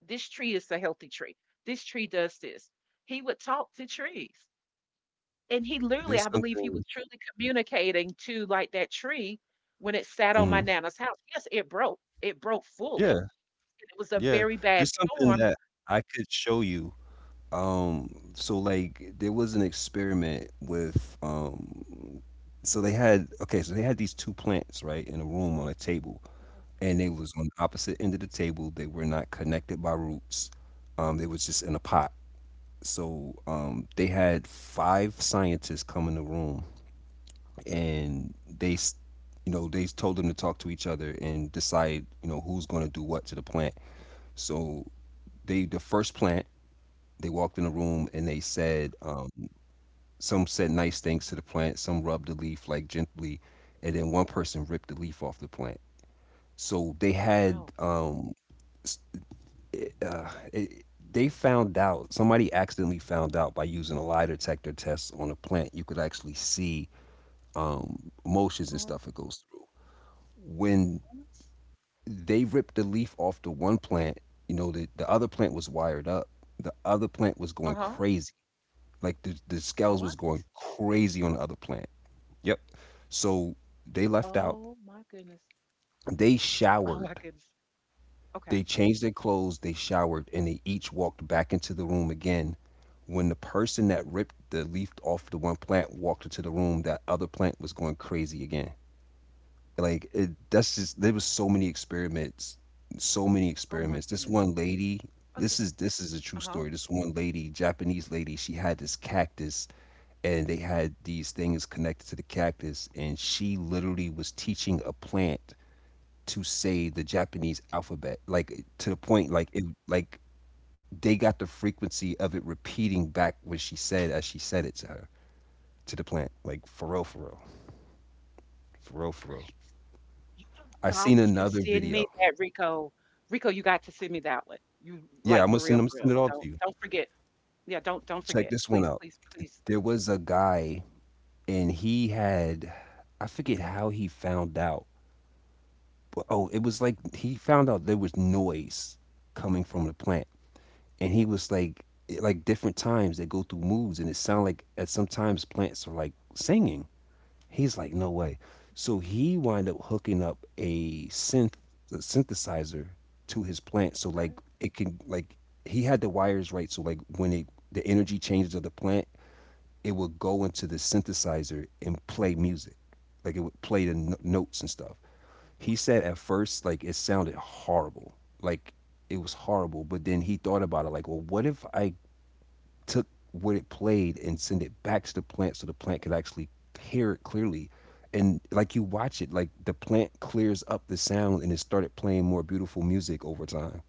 [SPEAKER 2] this tree is a healthy tree. This tree does this. He would talk to trees. And he literally, I
[SPEAKER 1] there's
[SPEAKER 2] believe, he was
[SPEAKER 1] something.
[SPEAKER 2] truly communicating to, like, that tree when it sat on my
[SPEAKER 1] Mhm.
[SPEAKER 2] nana's house. Yes, it broke. It broke fully,
[SPEAKER 1] Yeah.
[SPEAKER 2] and it was a
[SPEAKER 1] Yeah.
[SPEAKER 2] very bad
[SPEAKER 1] There's something
[SPEAKER 2] storm.
[SPEAKER 1] that I could show you. Um. So like there was an experiment with um. So they had okay. So they had these two plants right in a room on a table and they was on the opposite end of the table. They were not connected by roots. Um, they was just in a pot. So um, they had five scientists come in the room, and they, s- you know, they told them to talk to each other and decide, you know, who's going to do what to the plant. So they, the first plant, they walked in the room and they said, um, some said nice things to the plant, some rubbed the leaf like gently, and then one person ripped the leaf off the plant. So they had
[SPEAKER 2] Oh,
[SPEAKER 1] um, s- uh, it, they found out somebody accidentally found out by using a lie detector test on a plant you could actually see um, motions and
[SPEAKER 2] uh-huh,
[SPEAKER 1] stuff it goes through when
[SPEAKER 2] what?
[SPEAKER 1] they ripped the leaf off the one plant you know the, the other plant was wired up the other plant was going
[SPEAKER 2] Uh-huh.
[SPEAKER 1] crazy like the, the scales
[SPEAKER 2] What?
[SPEAKER 1] was going crazy on the other plant yep so they left out
[SPEAKER 2] Oh my goodness.
[SPEAKER 1] they
[SPEAKER 2] Oh my
[SPEAKER 1] showered
[SPEAKER 2] goodness. Okay.
[SPEAKER 1] they changed their clothes they showered and they each walked back into the room again when the person that ripped the leaf off the one plant walked into the room, that other plant was going crazy again. Like it, that's just there was so many experiments, so many
[SPEAKER 2] Oh my
[SPEAKER 1] experiments. This
[SPEAKER 2] goodness.
[SPEAKER 1] one lady,
[SPEAKER 2] Oh,
[SPEAKER 1] this
[SPEAKER 2] yes.
[SPEAKER 1] is this is a true
[SPEAKER 2] Uh-huh.
[SPEAKER 1] story. This one lady, Japanese lady, she had this cactus and they had these things connected to the cactus and she literally was teaching a plant to say the Japanese alphabet like to the point like it like they got the frequency of it repeating back what she said as she said it to her to the plant. Like for real, for real, for real, for real.
[SPEAKER 2] You have
[SPEAKER 1] I
[SPEAKER 2] got
[SPEAKER 1] seen
[SPEAKER 2] to
[SPEAKER 1] another
[SPEAKER 2] send
[SPEAKER 1] video.
[SPEAKER 2] me that, Rico. Rico, you got to send me that one. You
[SPEAKER 1] Yeah, I'm
[SPEAKER 2] like,
[SPEAKER 1] gonna
[SPEAKER 2] for
[SPEAKER 1] send.
[SPEAKER 2] real,
[SPEAKER 1] I'm gonna
[SPEAKER 2] for
[SPEAKER 1] send
[SPEAKER 2] real.
[SPEAKER 1] it all to
[SPEAKER 2] Don't
[SPEAKER 1] you.
[SPEAKER 2] don't forget. Yeah, don't don't
[SPEAKER 1] Check
[SPEAKER 2] forget.
[SPEAKER 1] this one
[SPEAKER 2] Please,
[SPEAKER 1] out.
[SPEAKER 2] please, please.
[SPEAKER 1] There was a guy, and he had, I forget how he found out, but oh, it was like he found out there was noise coming from the plant, and he was like, like different times they go through moods, and it sound like at sometimes plants are like singing He's like, no way. So he wind up hooking up a synth a synthesizer to his plant, so like
[SPEAKER 2] Okay.
[SPEAKER 1] it can like he had the wires right, so like when it the energy changes of the plant, it would go into the synthesizer and play music, like it would play the no- notes and stuff. He
[SPEAKER 2] What?
[SPEAKER 1] said at first like it sounded horrible, like it was horrible, but then he thought about it like, well, what if I took what it played and send it back to the plant so the plant could actually hear it clearly. And like you watch it, like the plant clears up the sound and it started playing more beautiful music over time.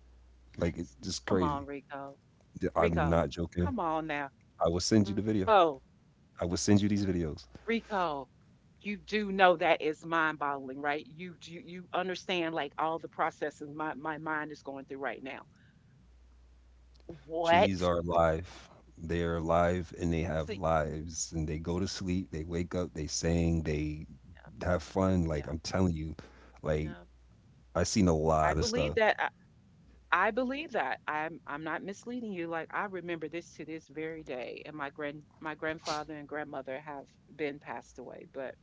[SPEAKER 1] Like it's just
[SPEAKER 2] Come
[SPEAKER 1] crazy.
[SPEAKER 2] on, Rico.
[SPEAKER 1] D- I'm
[SPEAKER 2] Rico,
[SPEAKER 1] not joking.
[SPEAKER 2] come on now.
[SPEAKER 1] I will send you the video.
[SPEAKER 2] Rico,
[SPEAKER 1] I will send you these videos.
[SPEAKER 2] Rico, you do know that is mind-boggling, right? You do you understand, like, all the processes my, my mind is going through right now.
[SPEAKER 1] Trees
[SPEAKER 2] What?
[SPEAKER 1] are alive. They are alive and they have
[SPEAKER 2] See,
[SPEAKER 1] lives and they go to sleep, they wake up, they sing, they
[SPEAKER 2] yeah,
[SPEAKER 1] have fun. Like
[SPEAKER 2] yeah,
[SPEAKER 1] I'm telling you, like
[SPEAKER 2] yeah.
[SPEAKER 1] I seen a
[SPEAKER 2] I
[SPEAKER 1] lot of
[SPEAKER 2] believe
[SPEAKER 1] stuff.
[SPEAKER 2] that. I, I believe that. I'm I'm not misleading you. Like, I remember this to this very day, and my grand my grandfather and grandmother have been passed away, but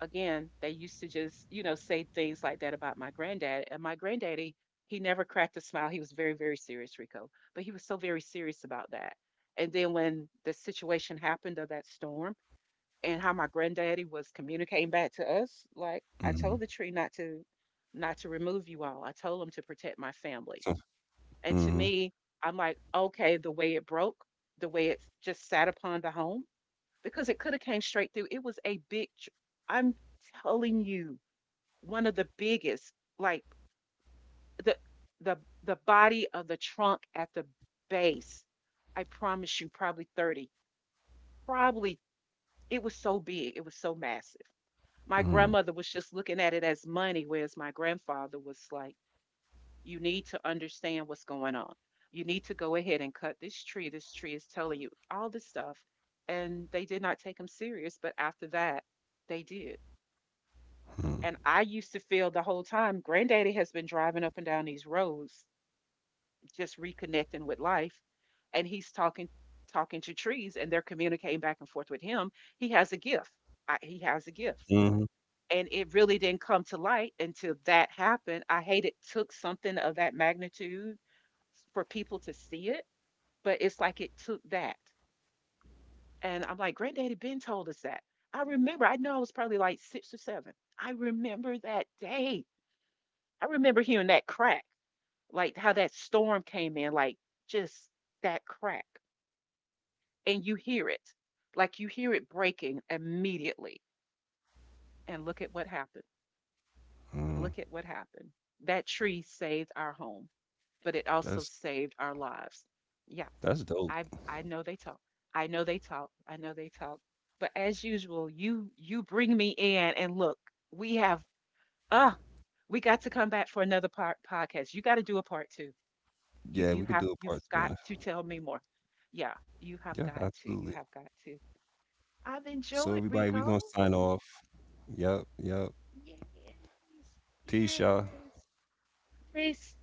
[SPEAKER 2] again, they used to just, you know, say things like that about my granddad. And my granddaddy, he never cracked a smile. He was very, very serious, Rico. But he was so very serious about that. And then when the situation happened of that storm and how my granddaddy was communicating back to us, like, I
[SPEAKER 1] Hmm
[SPEAKER 2] told the tree, not to not to remove you all. I told him to protect my family. And to
[SPEAKER 1] hmm
[SPEAKER 2] me, I'm like, okay, the way it broke, the way it just sat upon the home, because it could have came straight through. It was a big, tr- I'm telling you, one of the biggest, like, the the the body of the trunk at the base. I promise you, probably thirty. Probably it was so big, it was so massive. My
[SPEAKER 1] hmm
[SPEAKER 2] grandmother was just looking at it as money, whereas my grandfather was like, you need to understand what's going on. You need to go ahead and cut this tree. This tree is telling you all this stuff. And they did not take him serious, but after that, they did.
[SPEAKER 1] Mm,
[SPEAKER 2] And I used to feel the whole time, Granddaddy has been driving up and down these roads, just reconnecting with life, and he's talking talking to trees, and they're communicating back and forth with him. He has a gift. I, he has a gift,
[SPEAKER 1] Mhm.
[SPEAKER 2] and it really didn't come to light until that happened. I hate it took something of that magnitude for people to see it, but it's like it took that, and I'm like, Granddaddy Ben told us that. I remember. I know I was probably like six or seven. I remember that day, I remember hearing that crack, like how that storm came in, like just that crack. And you hear it, like you hear it breaking immediately. And look at what happened.
[SPEAKER 1] mm.
[SPEAKER 2] Look at what happened. That tree saved our home, but it also
[SPEAKER 1] That's
[SPEAKER 2] saved our lives. Yeah,
[SPEAKER 1] that's dope.
[SPEAKER 2] I I know they talk. I know they talk. I know they talk. But as usual, you you bring me in and look, we have ah, we got to come back for another part podcast. You got to do a part two. You
[SPEAKER 1] Yeah, we
[SPEAKER 2] you
[SPEAKER 1] could
[SPEAKER 2] have
[SPEAKER 1] do a
[SPEAKER 2] you've
[SPEAKER 1] part two on
[SPEAKER 2] got
[SPEAKER 1] it.
[SPEAKER 2] to tell me more. Yeah, you
[SPEAKER 1] Yeah,
[SPEAKER 2] have got to.
[SPEAKER 1] absolutely.
[SPEAKER 2] You have got to. I've
[SPEAKER 1] So
[SPEAKER 2] enjoyed,
[SPEAKER 1] everybody, we
[SPEAKER 2] Rico.
[SPEAKER 1] gonna sign off. Yep, yep.
[SPEAKER 2] Yes.
[SPEAKER 1] Peace, y'all.
[SPEAKER 2] Yes. Peace.